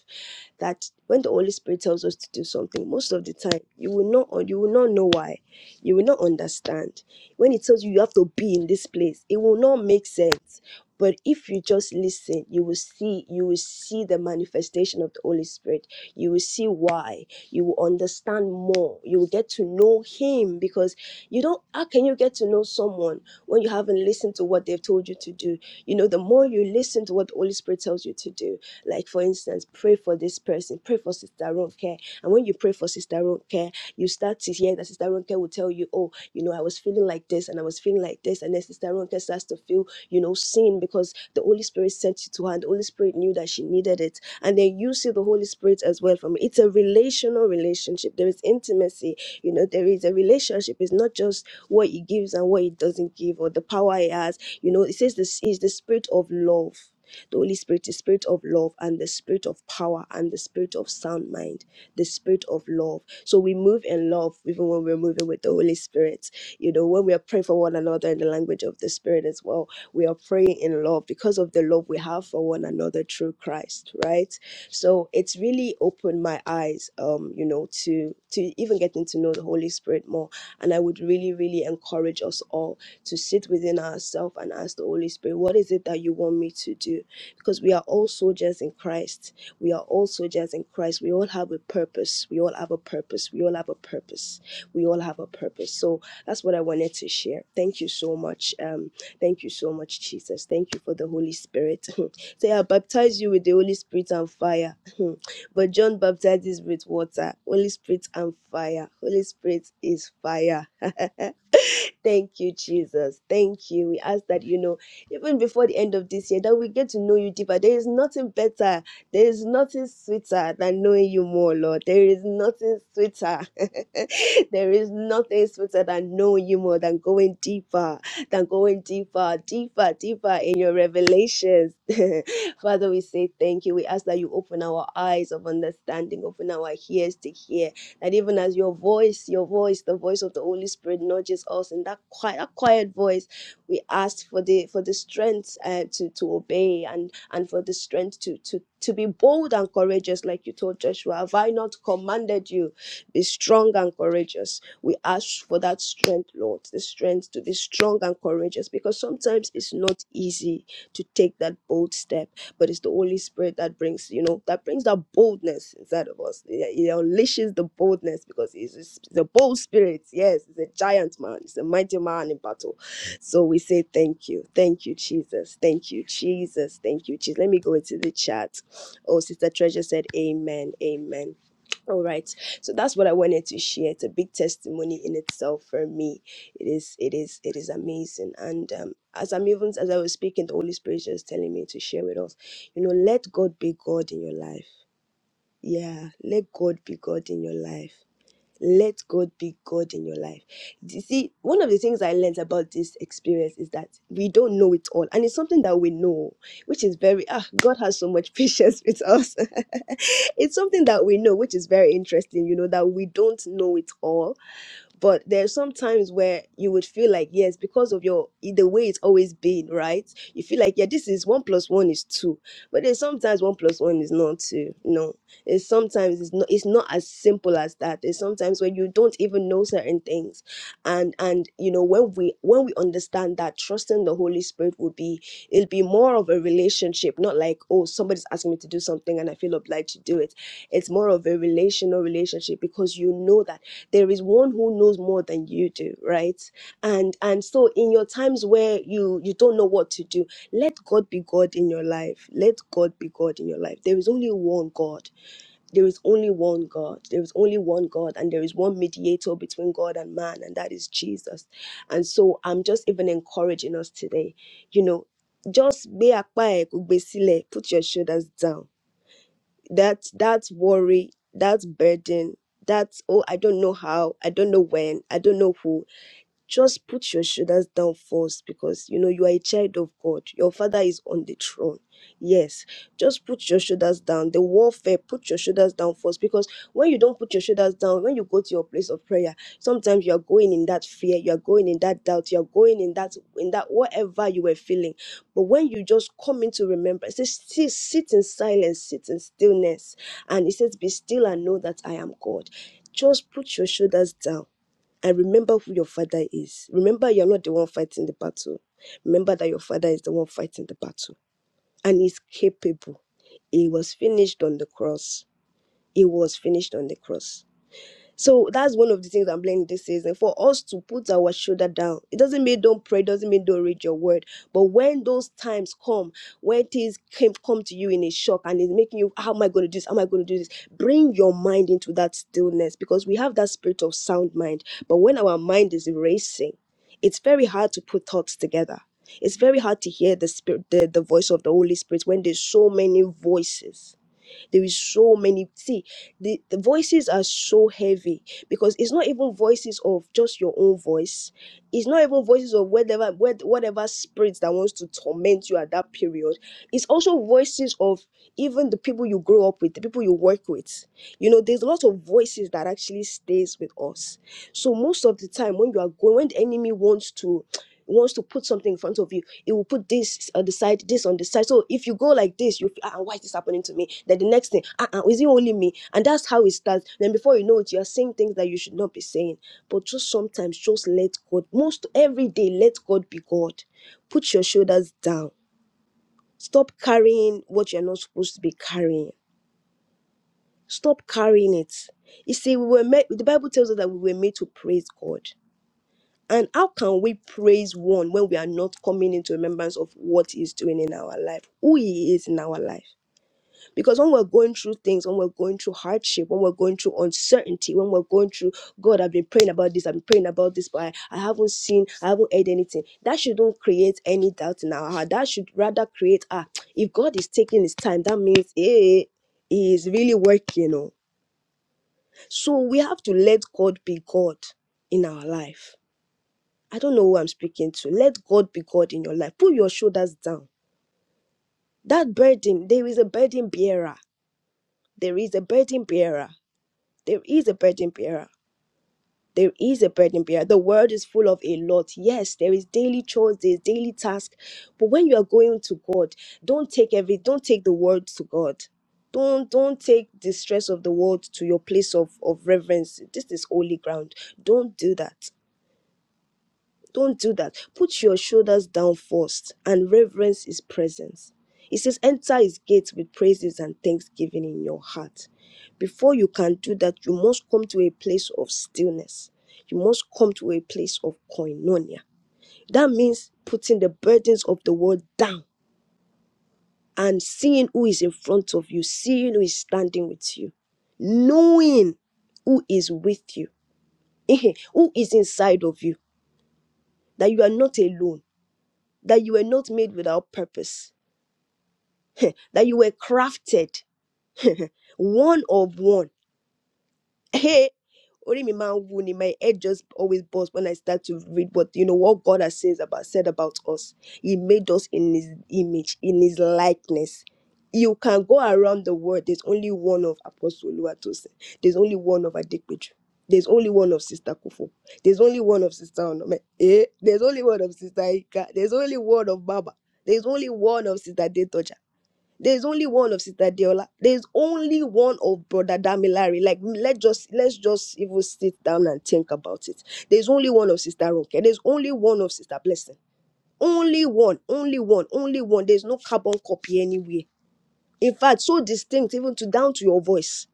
C: that when the Holy Spirit tells us to do something, most of the time you will not or you will not know why. You will not understand. When it tells you you have to be in this place, it will not make sense. But if you just listen, you will see you will see the manifestation of the Holy Spirit. You will see why. You will understand more. You will get to know him because you don't how can you get to know someone when you haven't listened to what they've told you to do? You know, the more you listen to what the Holy Spirit tells you to do, like for instance, pray for this person, pray for Sister Ronke. And when you pray for Sister Ronke, you start to hear that Sister Ronke will tell you, Oh, you know, I was feeling like this and I was feeling like this. And then Sister Ronke starts to feel, you know, seen because the Holy Spirit sent you to her and the Holy Spirit knew that she needed it. And then you see the Holy Spirit as well from it. It's a relational relationship. There is intimacy. You know, there is a relationship. It's not just what he gives and what he doesn't give or the power he has. You know, it says this is the spirit of love the Holy Spirit is spirit of love and the spirit of power and the spirit of sound mind, the spirit of love. So we move in love even when we're moving with the Holy Spirit. You know, when we are praying for one another in the language of the Spirit as well, we are praying in love because of the love we have for one another through Christ, right? So it's really opened my eyes, um, you know, to to even getting to know the Holy Spirit more. And I would really, really encourage us all to sit within ourselves and ask the Holy Spirit, what is it that you want me to do? because we are all soldiers in Christ. We are all soldiers in Christ. We all have a purpose. We all have a purpose. We all have a purpose. We all have a purpose. So that's what I wanted to share. Thank you so much. Um, thank you so much, Jesus. Thank you for the Holy Spirit. Say, I baptize you with the Holy Spirit and fire. but John baptizes with water, Holy Spirit and fire. Holy Spirit is fire. Thank you, Jesus. Thank you. We ask that, you know, even before the end of this year, that we get to know you deeper. There is nothing better. There is nothing sweeter than knowing you more, Lord. There is nothing sweeter. there is nothing sweeter than knowing you more, than going deeper, than going deeper, deeper, deeper in your revelations. Father, we say thank you. We ask that you open our eyes of understanding, open our ears to hear that even as your voice, your voice, the voice of the Holy Spirit nudges us in that quiet, that quiet voice, we ask for the for the strength uh, to to obey and and for the strength to to to be bold and courageous, like you told Joshua. Have I not commanded you? Be strong and courageous. We ask for that strength, Lord, the strength to be strong and courageous, because sometimes it's not easy to take that bold step but it's the Holy Spirit that brings, you know, that brings that boldness inside of us. It, it unleashes the boldness because it's, it's a bold spirit. Yes, it's a giant man, it's a mighty man in battle. So we say thank you, thank you, Jesus, thank you, Jesus, thank you, Jesus. Let me go into the chat. Oh, Sister Treasure said, Amen, Amen. All right. So that's what I wanted to share. It's a big testimony in itself for me. It is it is it is amazing. And um as I'm even as I was speaking, the Holy Spirit is just telling me to share with us. You know, let God be God. in your life. Yeah, let God be God in your life. Let God be God in your life. You see, one of the things I learned about this experience is that we don't know it all, and it's something that we know, which is very ah. God has so much patience with us it's something that we know, which is very interesting, you know, that we don't know it all but there's some times where you would feel like yes because of your the way it's always been right you feel like yeah this is one plus one is two but there's sometimes one plus one is not two no it's sometimes it's not it's not as simple as that there's sometimes when you don't even know certain things and and you know when we when we understand that trusting the holy spirit will be it'll be more of a relationship not like oh somebody's asking me to do something and i feel obliged to do it it's more of a relational relationship because you know that there is one who knows more than you do right and and so in your times where you you don't know what to do let god be god in your life let god be god in your life there is only one god there is only one god there is only one god and there is one mediator between god and man and that is jesus and so i'm just even encouraging us today you know just be a quiet, put your shoulders down that that worry that burden that oh i don't know how i don't know when i don't know who just put your shoulders down first because you know you are a child of God. Your father is on the throne. Yes, just put your shoulders down. The warfare, put your shoulders down first because when you don't put your shoulders down, when you go to your place of prayer, sometimes you are going in that fear, you are going in that doubt, you are going in that in that whatever you were feeling. But when you just come into remembrance, it says, "See- sit in silence, sit in stillness, and it says, "Be still and know that I am God." Just put your shoulders down and remember who your father is. Remember, you're not the one fighting the battle. Remember that your father is the one fighting the battle and he's capable. He was finished on the cross. He was finished on the cross. So that's one of the things I'm learning this season for us to put our shoulder down. It doesn't mean don't pray, doesn't mean don't read your word. But when those times come, when things came, come to you in a shock and it's making you, how am I going to do this? How am I going to do this? Bring your mind into that stillness because we have that spirit of sound mind. But when our mind is racing, it's very hard to gather. It's very hard to spirit the, the voice of the Holy Spirit when there's so many voices. There is so many. See, the, the voices are so heavy because it's not even voices of just your own voice. It's not even voices of whatever whatever, whatever spirits that wants to torment you at that period. It's also voices of even the people you grow up with, the people you work with. You know, there's a lot of voices that actually stays with us. So most of the time when you are going, when the enemy wants to wants to put something in front of you, it will put this on the side, this on the side. So if you go like this, you feel, ah, why is this happening to me? Then the next thing, ah, ah, is it only me? And that's how it starts. Then before you know it, you are saying things that you should not be saying. But just sometimes, just let God, most every day, let God be God. Put your shoulders down. Stop carrying what you're not supposed to be carrying. Stop carrying it. You see, we were made, the Bible tells us that we were made to praise God. And how can we praise one when we are not coming into remembrance of what he's doing in our life, who he is in our life? Because when we're going through things, when we're going through hardship, when we're going through uncertainty, when we're going through, God, I've been praying about this, I've been praying about this, but I, I haven't seen, I haven't heard anything. That shouldn't create any doubt in our heart. That should rather create, ah, if God is taking his time, that means, eh, he is really working, you know. So we have to let God be God in our life I don't know who I'm speaking to. Let God be God in your life. Put your shoulders down. That burden, there is a burden bearer. There is a burden bearer. There is a burden bearer. There is a burden bearer. The world is full of ask, but when God, don't take every to God. Don't don't take the stress of the world to your place of, of reverence. This is holy ground. Don't do that. Don't do that. Put your shoulders down first and reverence is presence. It says, enter his gates with praises and thanksgiving in your heart Before you can do that, you must come to a place of stillness. You must come to a place of koinonia. That means putting the burdens of the world down and seeing who is in front of you, seeing who is standing with you, knowing who is with you, who is inside of you, that you are not alone, that you were not made without purpose, that you were crafted one of one. Only my ma my head just always busts when I start to read what you know what God has says about said about us. He made us in his image, in his likeness. You can go around the world. There's only one of Apostle Oluwatosin. There's only one of Adekpeju. There's only one of Sister Kufo. There's only one of Sister Onome. Eh? There's only one of Sister Ika. There's only one of Baba. There's only one of Sister Detoja. There's only one of Sister Deola. There's only one of Brother Damilare. Like let just let's just even sit down and think about it. There's only one of Sister Ronke. There's only one of Sister Blessing. Only one, only one, only one. There's no carbon copy anywhere. In fact, so distinct even to down to your voice.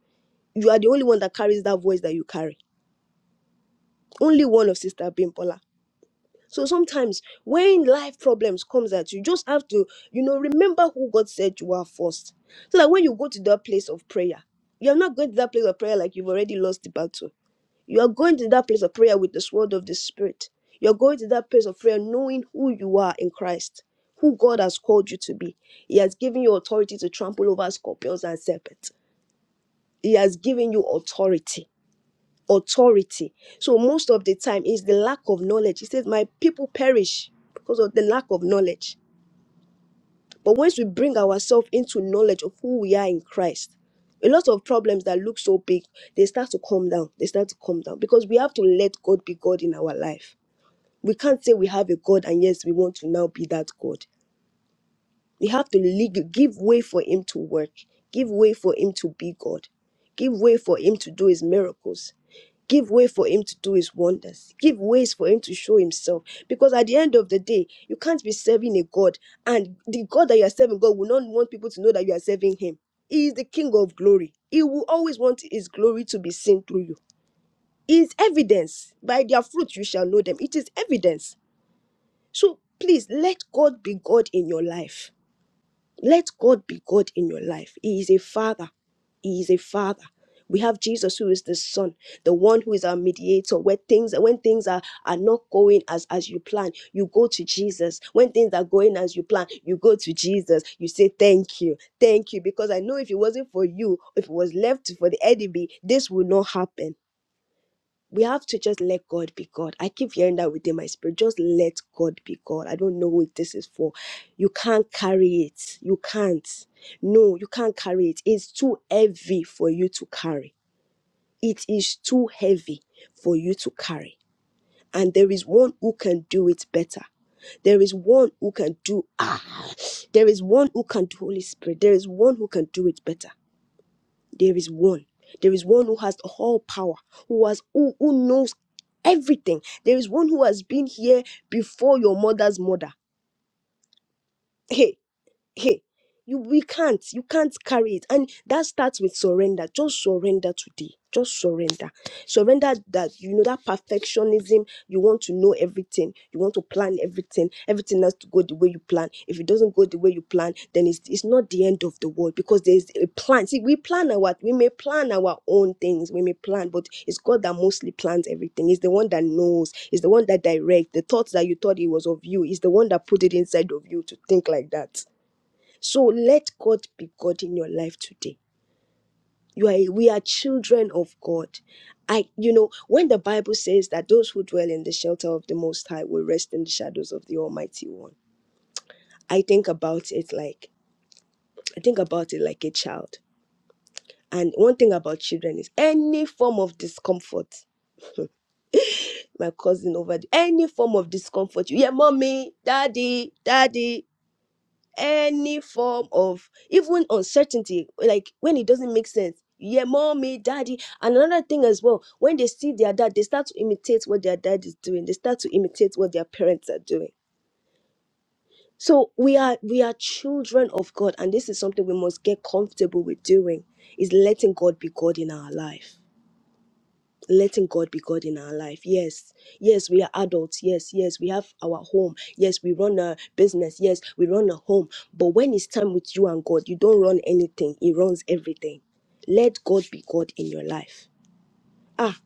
C: You are the only one that carries that voice that you carry. Only one of Sister Bimpola. So sometimes when life problems comes at you, you just have to, you know, remember who God said you are first. So that when you go to that place of prayer, you're not going to that place of prayer like you've already lost the battle. You are going to that place of prayer with the sword of the spirit. You're going to that place of prayer knowing who you are in Christ, who God has called you to be. He has given you authority to trample over scorpions and serpents. He has given you authority authority. So most of the time it's the lack of knowledge. He says, My people perish because of the lack of knowledge. But once we bring ourselves into knowledge of who we are in Christ, a lot of problems that look so big, they start to calm down. They start to calm down because we have to let God be God in our life. We can't say we have a God and yes, we want to now be that God. We have to le- give way for Him to work, give way for Him to be God give way for him to do his miracles give way for him to do his wonders give way yourself because they, you can say God and the devil wants that you are serving him. He is the King of glory. He will always want his glory to be seen through you. It is evidence. By their fruit you shall know them. It is evidence. So please let God be God in your life. Let God be God in your life. He is a father. He is a father. We have. is the son the one who is our mediator where things when things are are not going as as you plan you go to jesus when things are going as you plan you go to jesus you say thank you thank you because i know if it wasn't for you if it was left for the enemy this would not happen we have to just let God be God. I keep hearing that within my spirit. Just let God be God. I don't know what this is for. You can't carry it. You can't. No, you can't carry it. It's too heavy for you to carry it is too heavy for you to carry. And there is one who can do it better. There is one who can do ah. There is one who can do Holy Spirit. There is one who can do it better. There is one. There is one who has all power, who has who, who knows everything. There is one who has been here before your mother's mother. Hey. hey you we can't you can't carry it and that starts with surrender just surrender today just surrender surrender that you know that perfectionism you want to know everything you want to plan everything everything has to go the way you plan if it doesn't go the way you plan then it's, it's not the end of the world because there's a plan see we plan our we may plan our own things we may plan but it's god that mostly plans everything It's the one that knows It's the one that directs the thoughts that you thought it was of you It's the one that put it inside of you to think like that so let God be God in your life today. You are we are children of God. I you know when the Bible says that those who dwell in the shelter of the most high will rest in the shadows of the almighty one. I think about it like I think about it like a child. And one thing about children is any form of discomfort my cousin over the, any form of discomfort. You hear mommy, daddy, daddy. any form of even uncertainty, like when it doesn't make sense. Yeah, mommy, daddy. And another thing as well, when they see their dad, they start to imitate what their dad is doing. They start to imitate what their parents are doing. So we are we are children of God, and this is something we must get comfortable with doing is letting God be God in our life letting God be God in our life. Yes, yes, we are adults. Yes, yes, we have our home. Yes, we run a business. Yes, we run a home. But when it's time with you and God, you don't run anything, He runs everything. Let God be God in your life. Ah,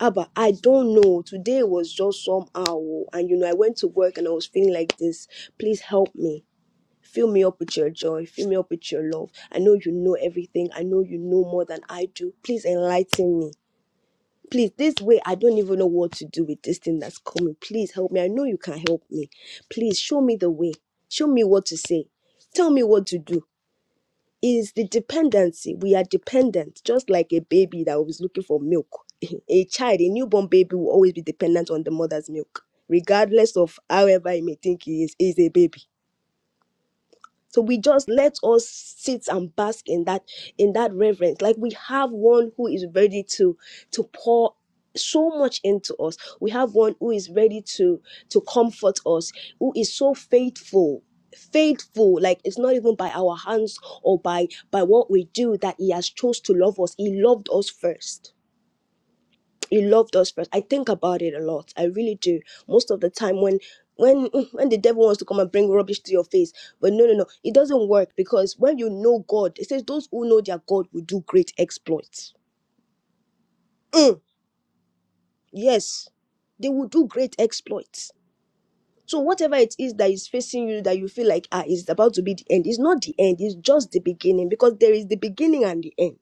C: Abba, I don't know. Today was just somehow. oh, And you know, I went to work and I was feeling like this. Please help me. Fill me up with your joy. Fill me up with your love. I know you know everything. I know you know more than I do. Please enlighten me please this way i don't even know what to do with this thing that's coming please help me i know you can help me please show me the way show me what to say tell me what to do is the dependency we are dependent just like a baby that was looking for milk a child a newborn baby will always be dependent on the mother's milk regardless of however you may think he is he is a baby so we just let us sit and bask in that in that reverence. Like we have one who is ready to to pour so much into us. We have one who is ready to to comfort us, who is so faithful faithful like it's not even by our hands or by by what we do that he has chose to love us he loved us first he loved us first. I think about it a lot. I really do. Most of the time when when when the devil wants to come and bring rubbish to your face. But no no no. It doesn't work because when you know God, it says those who know their God will do great exploits. Mm, yes. They will do great exploits. So whatever it is that is facing you that you feel like ah it's about to be the end, it's not the end, it's just the beginning because there is the beginning and the end.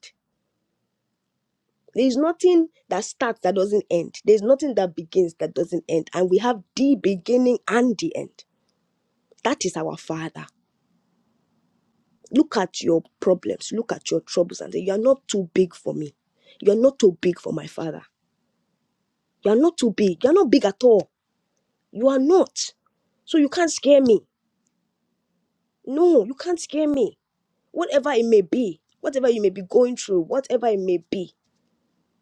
C: There's nothing that starts that doesn't end. There's nothing that begins that doesn't end. And we have the beginning and the end. That is our Father. Look at your problems, look at your troubles, and say, You are not too big for me. You are not too big for my Father. You are not too big. You are not big at all. You are not. So you can't scare me. No, you can't scare me. Whatever it may be, whatever you may be going through, whatever it may be,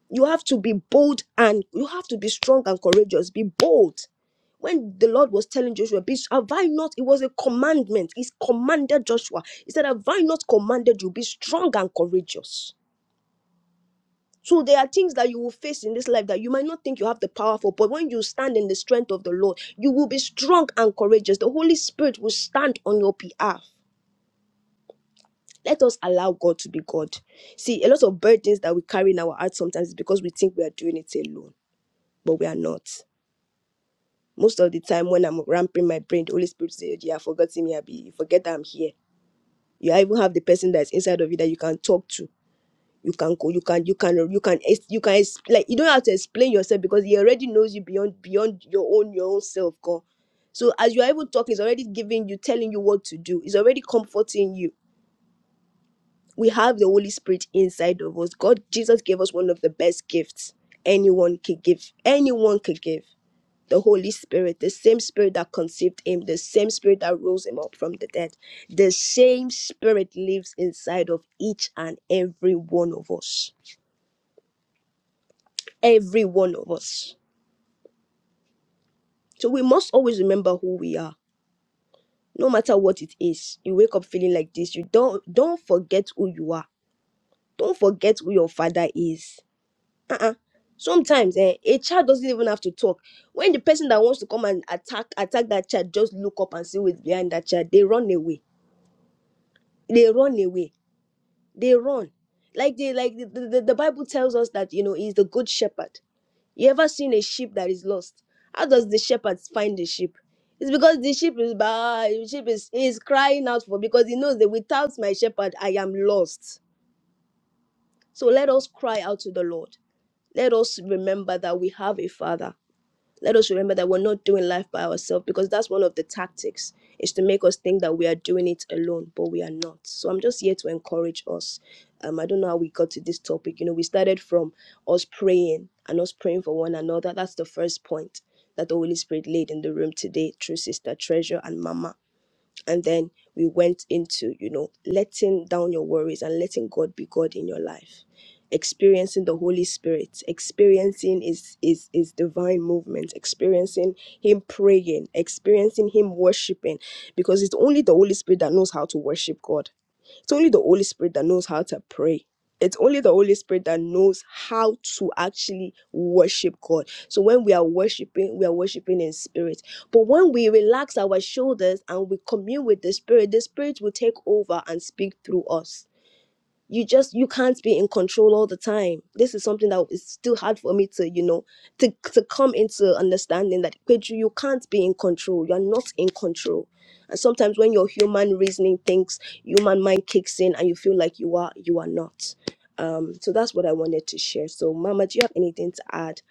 C: You have to be bold and you have to be strong and courageous. Be bold. When the Lord was telling Joshua, be, have I not? It was a commandment. He commanded Joshua. He said, Have I not commanded you? Be strong and courageous. So there are things that you will face in this life that you might not think you have the power for, but when you stand in the strength of the Lord, you will be strong and courageous. The Holy Spirit will stand on your behalf. Let us allow God to be God. See, a lot of burdens that we carry in our hearts sometimes is because we think we are doing it alone, but we are not. Most of the time when I'm ramping my brain, the Holy Spirit says, "Oh, You have forgotten me, Abi. You forget that I'm here. You even have the person that's inside of you that you can talk to. You can go, you can, you can, you can, ex- you can, ex- like, you don't have to explain yourself because he already knows you beyond, beyond your own, your own self, God. So as you're able to talk, he's already you telling you what to do. He's already comforting you. We have the Holy Spirit inside of us. God, Jesus gave us one of the best gifts anyone could give. Anyone could give the Holy Spirit, the same Spirit that conceived him, the same Spirit that rose him up from the dead, the same Spirit lives inside of each and every one of us. Every one of us. So we must always remember who we are, no matter what it is. You wake up feeling like this. You don't don't forget who you are. Don't forget who your father is. Uh-uh. Sometimes eh, a child doesn't even have to talk. When the person that wants to come and attack attack that child just look up and see what's behind that child, they run away. They run away they run like they like the, the, the bible tells us that you know he's the good shepherd you ever seen a sheep that is lost how does the shepherd find the sheep it's because the sheep is by the sheep is, is crying out for because he knows that without my shepherd i am lost so let us cry out to the lord let us remember that we have a father let us remember that we're not doing life by ourselves because that's one of the tactics is to make us think that we are doing it alone but we are not so i'm just here to encourage us um, i don't know how we got to this topic you know we started from us praying and us praying for one another that's the first point that the holy spirit laid in the room today through sister treasure and mama and then we went into you know letting down your worries and letting god be god in your life experiencing the holy spirit experiencing his his, his divine movement experiencing him praying experiencing him worshiping because it's only the holy spirit that knows how to worship god it's only the Holy Spirit that knows how to pray. It's only the Holy Spirit that knows how to actually worship God. So when we are worshiping, we are worshiping in spirit. But when we relax our shoulders and we commune with the Spirit, the Spirit will take over and speak through us you just you can't be in control all the time this is something that is still hard for me to you know to to come into understanding that Pedro, you can't be in control you're not in control and sometimes when your human reasoning thinks human mind kicks in and you feel like you are you are not um so that's what i wanted to share so mama do you have anything to add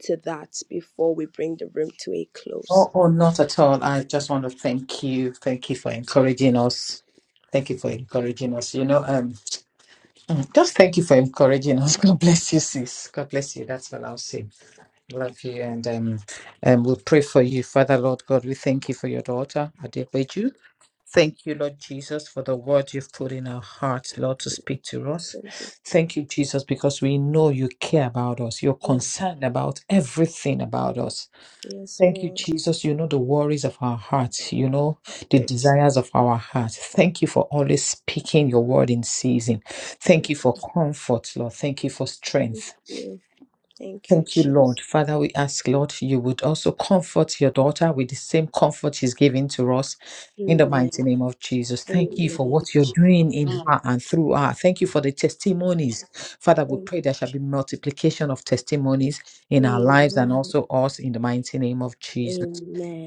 C: to that before we bring the room to a close
E: Oh, oh, not at all. I just want to thank you. Thank you for encouraging us. Thank you for encouraging us. You know, um, mm, just thank you for encouraging us. God bless you, sis. God bless you. That's all I'll say. Love you, and um, and we'll pray for you, Father Lord God. We thank you for your daughter, Adebeju. Thank you, Lord Jesus, for the word you've put in our hearts, Lord, to speak to us.
C: thank you
E: Thank you, Jesus, because we know you care about us. You're concerned about everything about us.
C: yes
E: Thank you,
C: lord
E: Jesus. You know the worries of our hearts. You know the
C: thank you
E: desires of our hearts. Thank you for always speaking your word in season. Thank you for comfort, Lord. Thank you for
C: thank
E: strength.
C: you jesus Thank you,
E: Thank you,
C: Jesus.
E: Lord. Father, we ask, Lord, you would also comfort your daughter with the same comfort she's giving to us in the
C: Amen.
E: mighty name of Jesus. Thank you for
C: amen
E: what you're doing in her and through her. Thank you for the testimonies. Father, we
C: amen
E: pray there shall be multiplication of testimonies in our lives and
C: Amen.
E: also us in the mighty name of Jesus.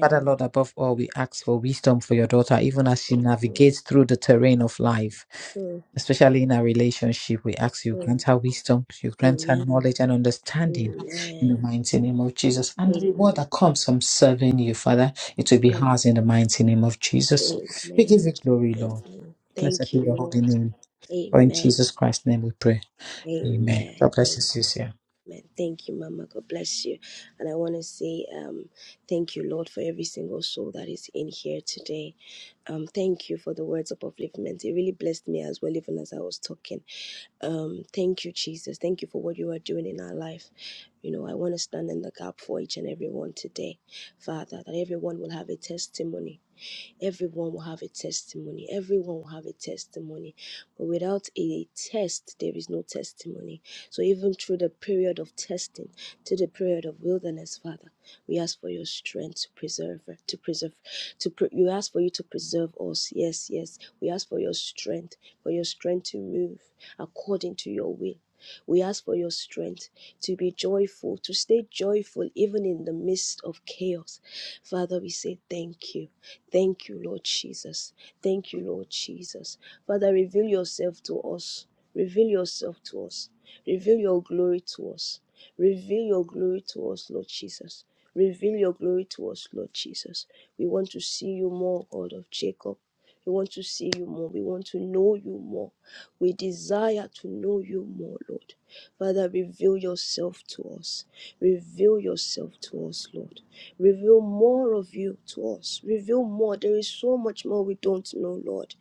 E: Father, Lord, above all, we ask for wisdom for your daughter, even as she navigates through the terrain of life
C: Mm,
E: especially in our relationship, we ask you grant her wisdom, you grant her
C: Amen.
E: knowledge and understanding in the
C: Amen.
E: mighty name of Jesus. And the
C: Amen.
E: reward that comes from serving you, Father, it will be
C: Amen.
E: ours in the mighty name of Jesus. We give you glory,
C: Jesus,
E: Lord. Blessed be your holy
C: Lord.
E: name. For in
C: Amen.
E: Jesus Christ's name we pray. Amen.
C: Amen.
E: God bless you, sister.
C: Amen. Thank you, Mama. God bless you. And I want to say um, thank you, Lord, for every single soul that is in here today. Um, thank you for the words of upliftment. It really blessed me as well, even as I was talking. Um, thank you, Jesus. Thank you for what you are doing in our life. You know, I want to stand in the gap for each and every one today, Father, that everyone will have a testimony Everyone will have a testimony. Everyone will have a testimony. But without a test, there is no testimony. So even through the period of testing, to the period of wilderness, Father, we ask for your strength to preserve, to preserve, to pre- you ask for you to preserve us. Yes, yes. We ask for your strength, for your strength to move according to your will. We ask for your strength to be joyful, to stay joyful even in the midst of chaos. Father, we say thank you. Thank you, Lord Jesus. Thank you, Lord Jesus. Father, reveal yourself to us. Reveal yourself to us. Reveal your glory to us. Reveal your glory to us, Lord Jesus. Reveal your glory to us, Lord Jesus. We want to see you more, God of Jacob. We want to see you more. We want to know you more. We desire to know you more, Lord. Father, reveal yourself to us. Reveal yourself to us, Lord. Reveal more of you to us. Reveal more. There is so much more we don't know, Lord.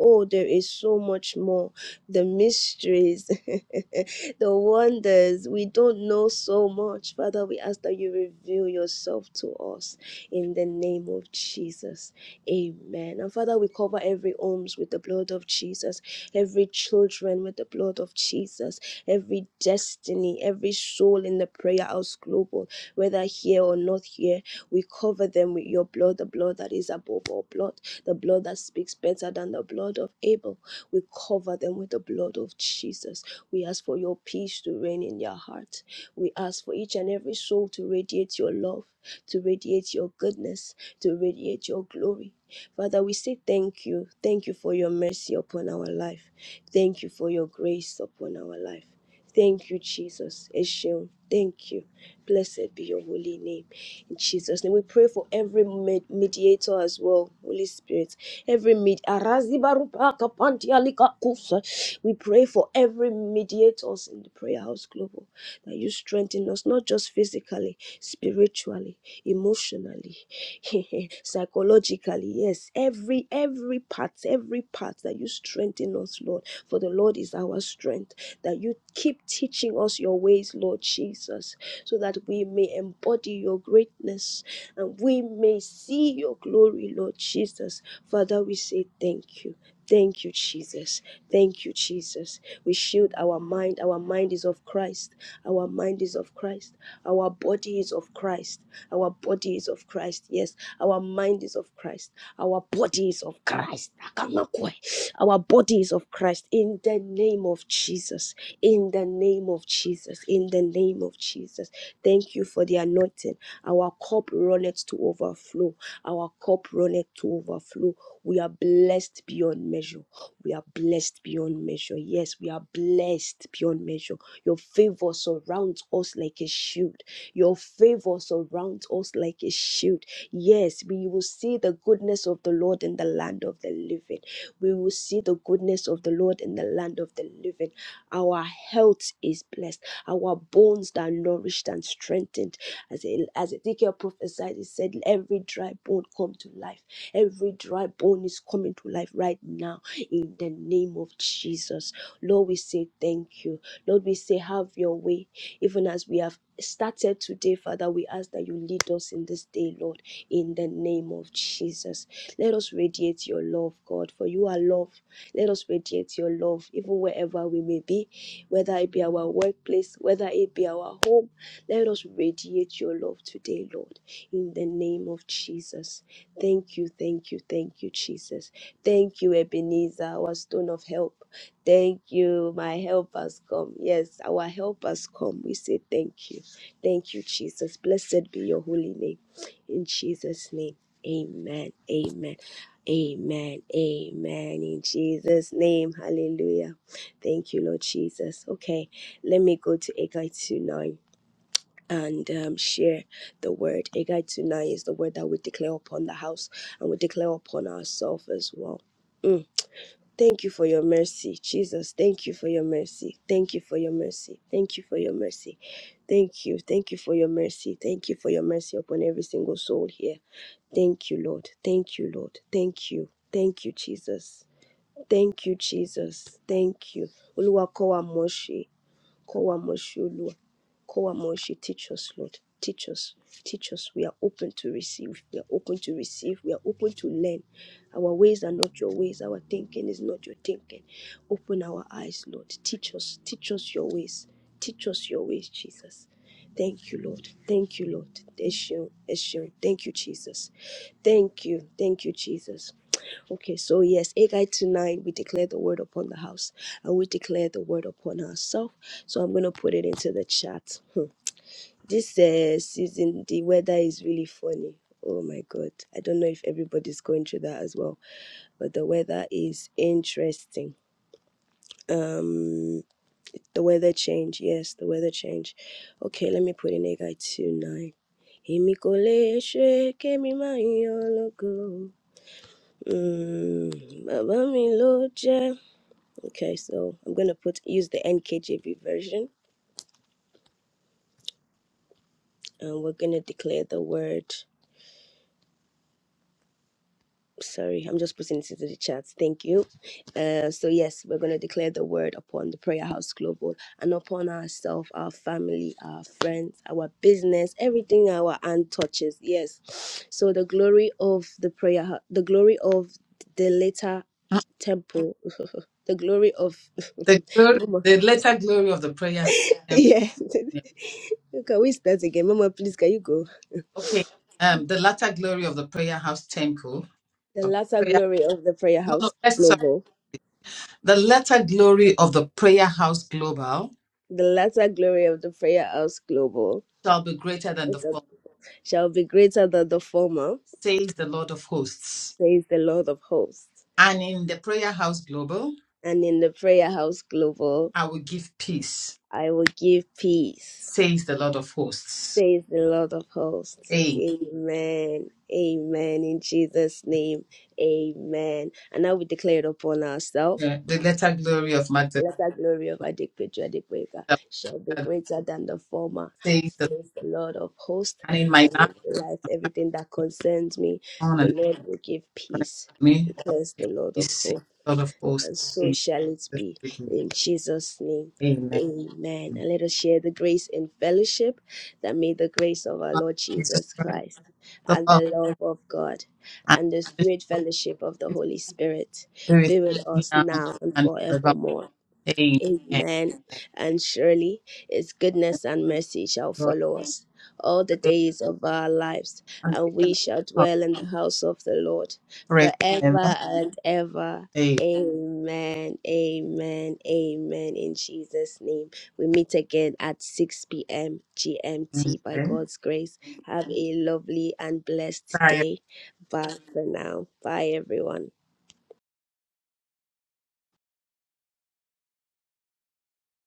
C: Oh, there is so much more. The mysteries, the wonders. We don't know so much. Father, we ask that you reveal yourself to us in the name of Jesus. Amen. And Father, we cover every homes with the blood of Jesus, every children with the blood of Jesus, every destiny, every soul in the prayer house global, whether here or not here. We cover them with your blood, the blood that is above all blood, the blood that speaks better than the blood of Abel. We cover them with the blood of Jesus. We ask for your peace to reign in their heart. We ask for each and every soul to radiate your love, to radiate your goodness, to radiate your glory. Father, we say thank you. Thank you for your mercy upon our life. Thank you for your grace upon our life. Thank you, Jesus. Eshion. Thank you. Blessed be your holy name. In Jesus' name, we pray for every med- mediator as well, Holy Spirit. Every med- we pray for every mediators in the prayer house global that you strengthen us not just physically, spiritually, emotionally, psychologically. Yes, every every part, every part that you strengthen us, Lord. For the Lord is our strength. That you keep teaching us your ways, Lord Jesus so that we may embody your greatness and we may see your glory, Lord Jesus. Father, we say thank you. Thank you, Jesus. Thank you, Jesus. We shield our mind. Our mind is of Christ. Our mind is of Christ. Our body is of Christ. Our body is of Christ. Yes, our mind is of Christ. Our body is of Christ. Akamakwe. Our body is of Christ. In the name of Jesus. In the name of Jesus. In the name of Jesus. Thank you for the anointing. Our cup runneth to overflow. Our cup runneth to overflow. We are blessed beyond measure. We are blessed beyond measure. Yes, we are blessed beyond measure. Your favor surrounds us like a shield. Your favor surrounds us like a shield. Yes, we will see the goodness of the Lord in the land of the living. We will see the goodness of the Lord in the land of the living. Our health is blessed our bones that are nourished and strengthened. As, E-, as Ezekiel prophesied, he said, Every dry bone come to life. Every dry bone is coming to life right now in the name of Jesus. Lord, we say thank you. Lord, we say, Have your way. Even as we have started today, Father, we ask that you lead us in this day, Lord, in the name of Jesus. Let us radiate your love, God, for you are love. Let us radiate your love, even wherever we may be whether it be our workplace, whether it be our home. Let us radiate your love today, Lord, in the name of Jesus. Thank you, thank you, thank you, Jesus. Thank you, Ebenezer, our stone of help. Thank you, my help has come. Yes, our help has come. We say thank you. Thank you, Jesus. Blessed be your holy name. In Jesus' name, amen. Amen. Amen. Amen. In Jesus' name. Hallelujah. Thank you, Lord Jesus. Okay, let me go to Agai 29 and um, share the word. Agai 29 is the word that we declare upon the house and we declare upon ourselves as well. Mm. Thank you for your mercy, Jesus. Thank you for your mercy. Thank you for your mercy. Thank you for your mercy. Thank you. Thank you for your mercy. Thank you for your mercy upon every single soul here. Thank you, Lord. Thank you, Lord. Thank you. Thank you, Jesus. Thank you, Jesus. Thank you. Oluwa kowa moshi, kowa moshi Oluwa, kowa moshi. Teach us, Lord. Teach us, teach us. We are open to receive. We are open to receive. We are open to learn. Our ways are not your ways. Our thinking is not your thinking. Open our eyes, Lord. Teach us, teach us your ways. Teach us your ways, Jesus. Thank you, Lord. Thank you, Lord. Eshio, Eshio. Thank you, Jesus. Thank you. Thank you, Jesus. Okay, so yes, Agai tonight we declare the word upon the house and we declare the word upon ourselves. So I'm gonna put it into the chat. Hmm. This uh, season, the weather is really funny. Oh my god, I don't know if everybody's going through that as well, but the weather is interesting. Um, the weather change, yes, the weather change. Okay, let me put in Agai tonight. Èmi kò lè ṣe kémi má yan ológo. Mm, bàbá mi ló jẹ́ Okay, so I'm gonna put use the NKJV version, and we're gonna declare the word. Sorry, I'm just putting it into the chat. Thank you. Uh, so yes, we're gonna declare the word upon the Prayer House Global and upon ourselves, our family, our friends, our business, everything our hand touches. Yes, so the glory of the prayer, Hou- the glory of the later temple, the glory of
E: The glory,
C: Mama.
E: the latter glory of the prayer. um,
C: Yeah. Can we start again, Mama? Please, can you go?
E: Okay. Um, the latter glory of the prayer house temple.
C: The
E: of
C: latter
E: Prayer.
C: glory of the prayer
E: No, no.
C: house
E: Let's sorry.
C: global.
E: The latter glory of the prayer house global.
C: The latter glory of the prayer house global
E: shall be greater than the former,
C: shall be greater than the former,
E: says the Lord of hosts.
C: says the Lord of hosts.
E: And in the prayer house global,
C: And in the prayer house global,
E: I will give peace,
C: I will give peace,
E: says the Lord of hosts.
C: says the Lord of hosts.
E: A.
C: Amen. Amen. In Jesus' name, amen. And now we declare it upon ourselves.
E: The the latter glory of Magdalene
C: Let the glory of Adikpejuadikpeka shall be greater than the former,
E: says the
C: says the Lord of hosts.
E: and in my
C: And in
E: life
C: my life, everything that concerns me,
E: on
C: the
E: and every
C: Lord will give
E: part
C: peace,
E: of me, I will
C: declares
E: give
C: the Lord of
E: peace, says
C: hosts.
E: the Lord of hosts.
C: And so
E: says
C: shall it be in Jesus' name.
E: Amen.
C: Amen. And let us share the grace in fellowship that may the grace of our Lord
E: Jesus
C: Jesus
E: Christ,
C: Christ
E: the
C: and
E: love
C: the love of God
E: and
C: and the
E: the fellowship
C: sweet
E: of
C: fellowship of the
E: the
C: Holy Spirit
E: Holy Spirit,
C: be with us
E: now
C: now and
E: and forever.
C: forevermore. Amen. And Lee, His goodness
E: Amen.
C: and mercy shall follow us all the days of our lives,
E: and
C: and
E: teachers
C: we shall
E: of
C: dwell in the house of the Lord
E: correct never
C: forever and ever.
E: fail.
C: Amen. Amen. Amen. In Jesus' name. We meet again at 6 p.m. GMT by
E: Amen.
C: God's grace. Have a lovely and blessed day. Bye for now. Bye, everyone.